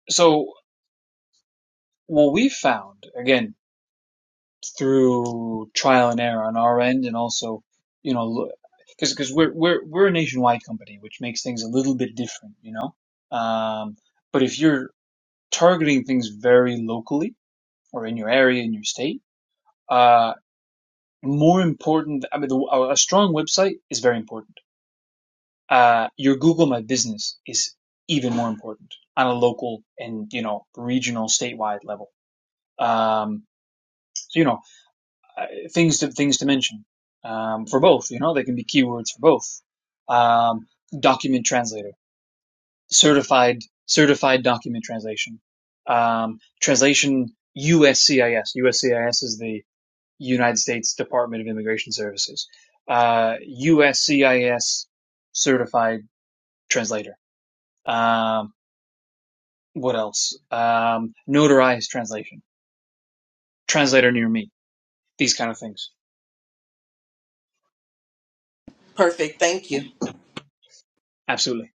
Speaker 5: So what we found again through trial and error on our end, and also, you know, because because we're we're we're a nationwide company, which makes things a little bit different, you know. Um, but if you're targeting things very locally or in your area in your state, uh, more important. I mean, the, a a strong website is very important. Uh, your Google My Business is even more important on a local and you know regional statewide level. Um, so you know uh, things to things to mention um, for both. You know, they can be keywords for both. Um, document translator, certified certified document translation, um, translation USCIS. USCIS is the United States Department of Immigration Services. Uh, USCIS certified translator. Um, what else? Um, notarized translation, translator near me. These kind of things.
Speaker 2: Perfect. Thank you.
Speaker 5: Absolutely,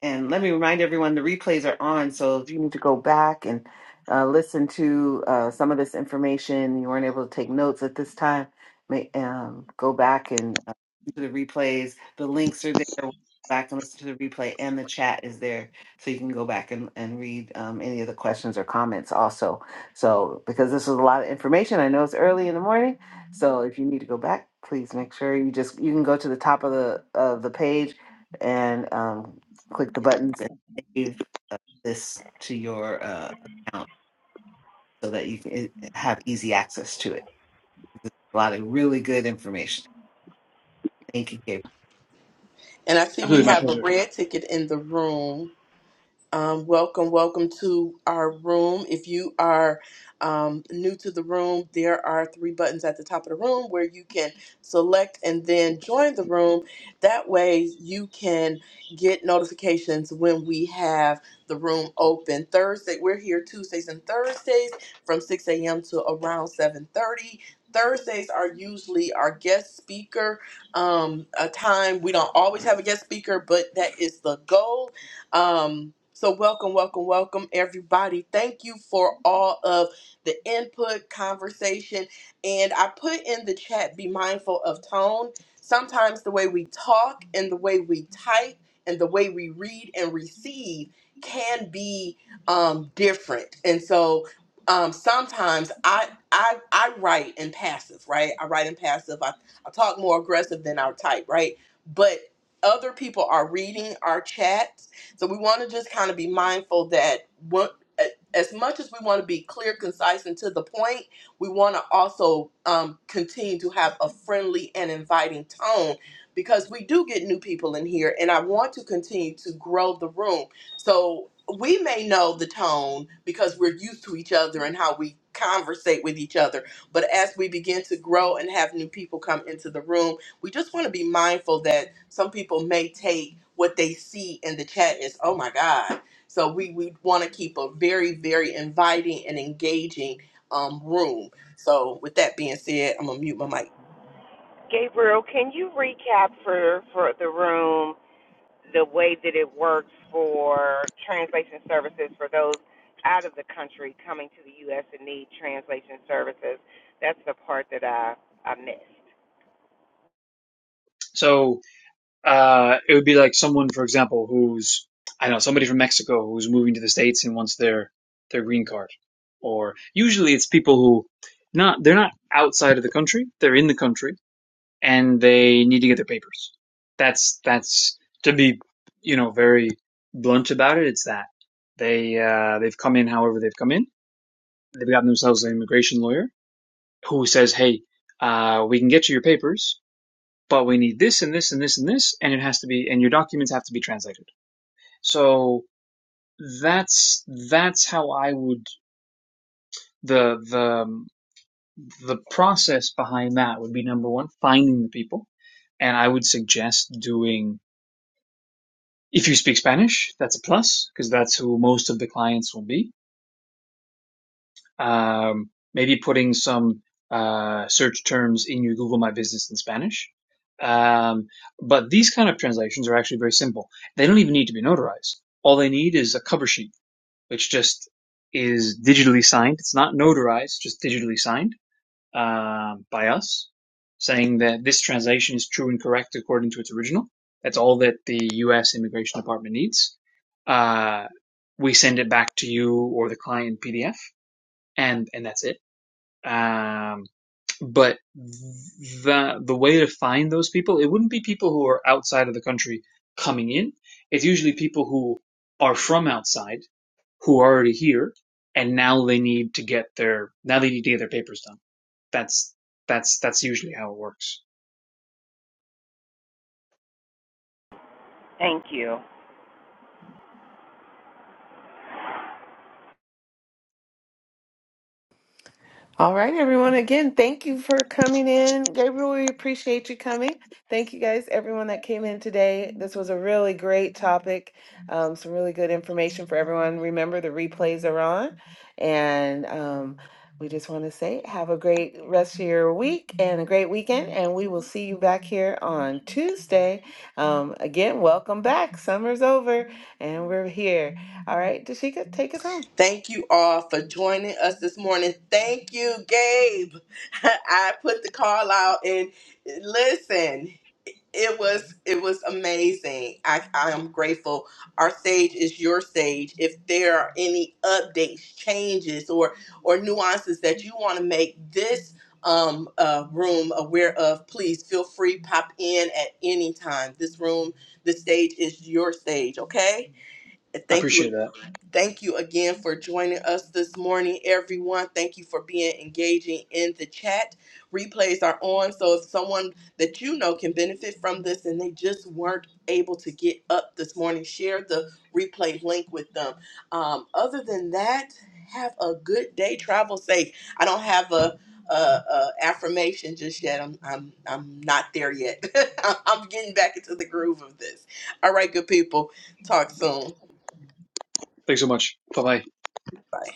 Speaker 1: And let me remind everyone the replays are on. So if you need to go back and uh, listen to uh, some of this information, you weren't able to take notes at this time, may, um, go back and uh, listen to the replays. The links are there. Go Back and listen to the replay, and the chat is there. So you can go back and, and read um, any of the questions or comments also. So, because this is a lot of information, I know it's early in the morning. So if you need to go back, please make sure you just you can go to the top of the of the page and um, click the buttons and save uh, this to your uh, account so that you can eh, have easy access to it. There's a lot of really good information. Thank you, Gabriel.
Speaker 2: And I see we
Speaker 5: absolutely, my
Speaker 2: have a
Speaker 5: pleasure.
Speaker 2: red ticket in the room. Um, welcome, welcome to our room. If you are um, new to the room, there are three buttons at the top of the room where you can select and then join the room. That way, you can get notifications when we have the room open. Thursday, we're here Tuesdays and Thursdays from 6 a.m. to around 7:30. Thursdays are usually our guest speaker um, a time. We don't always have a guest speaker, but that is the goal um, so welcome, welcome, welcome, everybody. Thank you for all of the input, conversation, and I put in the chat. Be mindful of tone. Sometimes the way we talk and the way we type and the way we read and receive can be um, different, and so um, sometimes I. I, I write in passive, right? I write in passive. I, I talk more aggressive than I type, right? But other people are reading our chat so we want to just kind of be mindful that what as much as we want to be clear, concise, and to the point, we want to also um, continue to have a friendly and inviting tone because we do get new people in here, and I want to continue to grow the room. So we may know the tone because we're used to each other and how we conversate with each other. But as we begin to grow and have new people come into the room, we just want to be mindful that some people may take what they see in the chat as, oh my God. So we, we want to keep a very, very inviting and engaging um, room. So with that being said, I'm going to mute my mic.
Speaker 7: Gabriel, can you recap for for the room? the way that it works for translation services for those out of the country coming to the U.S. and need translation services. That's the part that I, I missed.
Speaker 5: So uh, it would be like someone, for example, who's I don't know somebody from Mexico who's moving to the states and wants their their green card, or usually it's people who not they're not outside of the country, they're in the country and they need to get their papers. That's that's to be you know very blunt about it. It's that they uh, they've come in however they've come in. They've gotten themselves an immigration lawyer who says, hey, uh, we can get you your papers but we need this and this and this and this, and it has to be, and your documents have to be translated. So that's that's how I would the the the process behind that would be number one, finding the people, and I would suggest doing if you speak Spanish, that's a plus because that's who most of the clients will be um, maybe putting some uh, search terms in your Google My Business in Spanish. Um, but these kind of translations are actually very simple. They don't even need to be notarized. All they need is a cover sheet, which just is digitally signed. It's not notarized, just digitally signed um, by us, saying that this translation is true and correct according to its original. That's all that the U.S. Immigration Department needs. Uh, we send it back to you or the client PDF, and and that's it um, but the the way to find those people, it wouldn't be people who are outside of the country coming in. It's usually people who are from outside who are already here and now they need to get their now they need to get their papers done. That's that's that's usually how it works.
Speaker 7: Thank you.
Speaker 1: All right, everyone. Again, thank you for coming in. Gabriel, we appreciate you coming. Thank you guys, everyone that came in today. This was a really great topic, um, some really good information for everyone. Remember, the replays are on. And um, we just want to say have a great rest of your week and a great weekend. And we will see you back here on Tuesday. Um, again, welcome back. Summer's over and we're here. All right, Dashika, take us home.
Speaker 2: Thank you all for joining us this morning. Thank you, Gabe. I put the call out and listen, it was it was amazing. I, I am grateful. Our stage is your stage. If there are any updates, changes, or or nuances that you want to make this um, uh, room aware of, please feel free pop in at any time. This room, the stage is your stage. Okay. And
Speaker 5: I
Speaker 2: thank you.
Speaker 5: appreciate that.
Speaker 2: Thank you again for joining us this morning, everyone. Thank you for being engaging in the chat. Replays are on, so if someone that you know can benefit from this and they just weren't able to get up this morning, share the replay link with them. Um, other than that, have a good day. Travel safe. I don't have a, a, a affirmation just yet. I'm I'm I'm not there yet. I'm getting back into the groove of this. All right, good people. Talk soon.
Speaker 5: Thanks so much. Bye bye.
Speaker 2: Bye.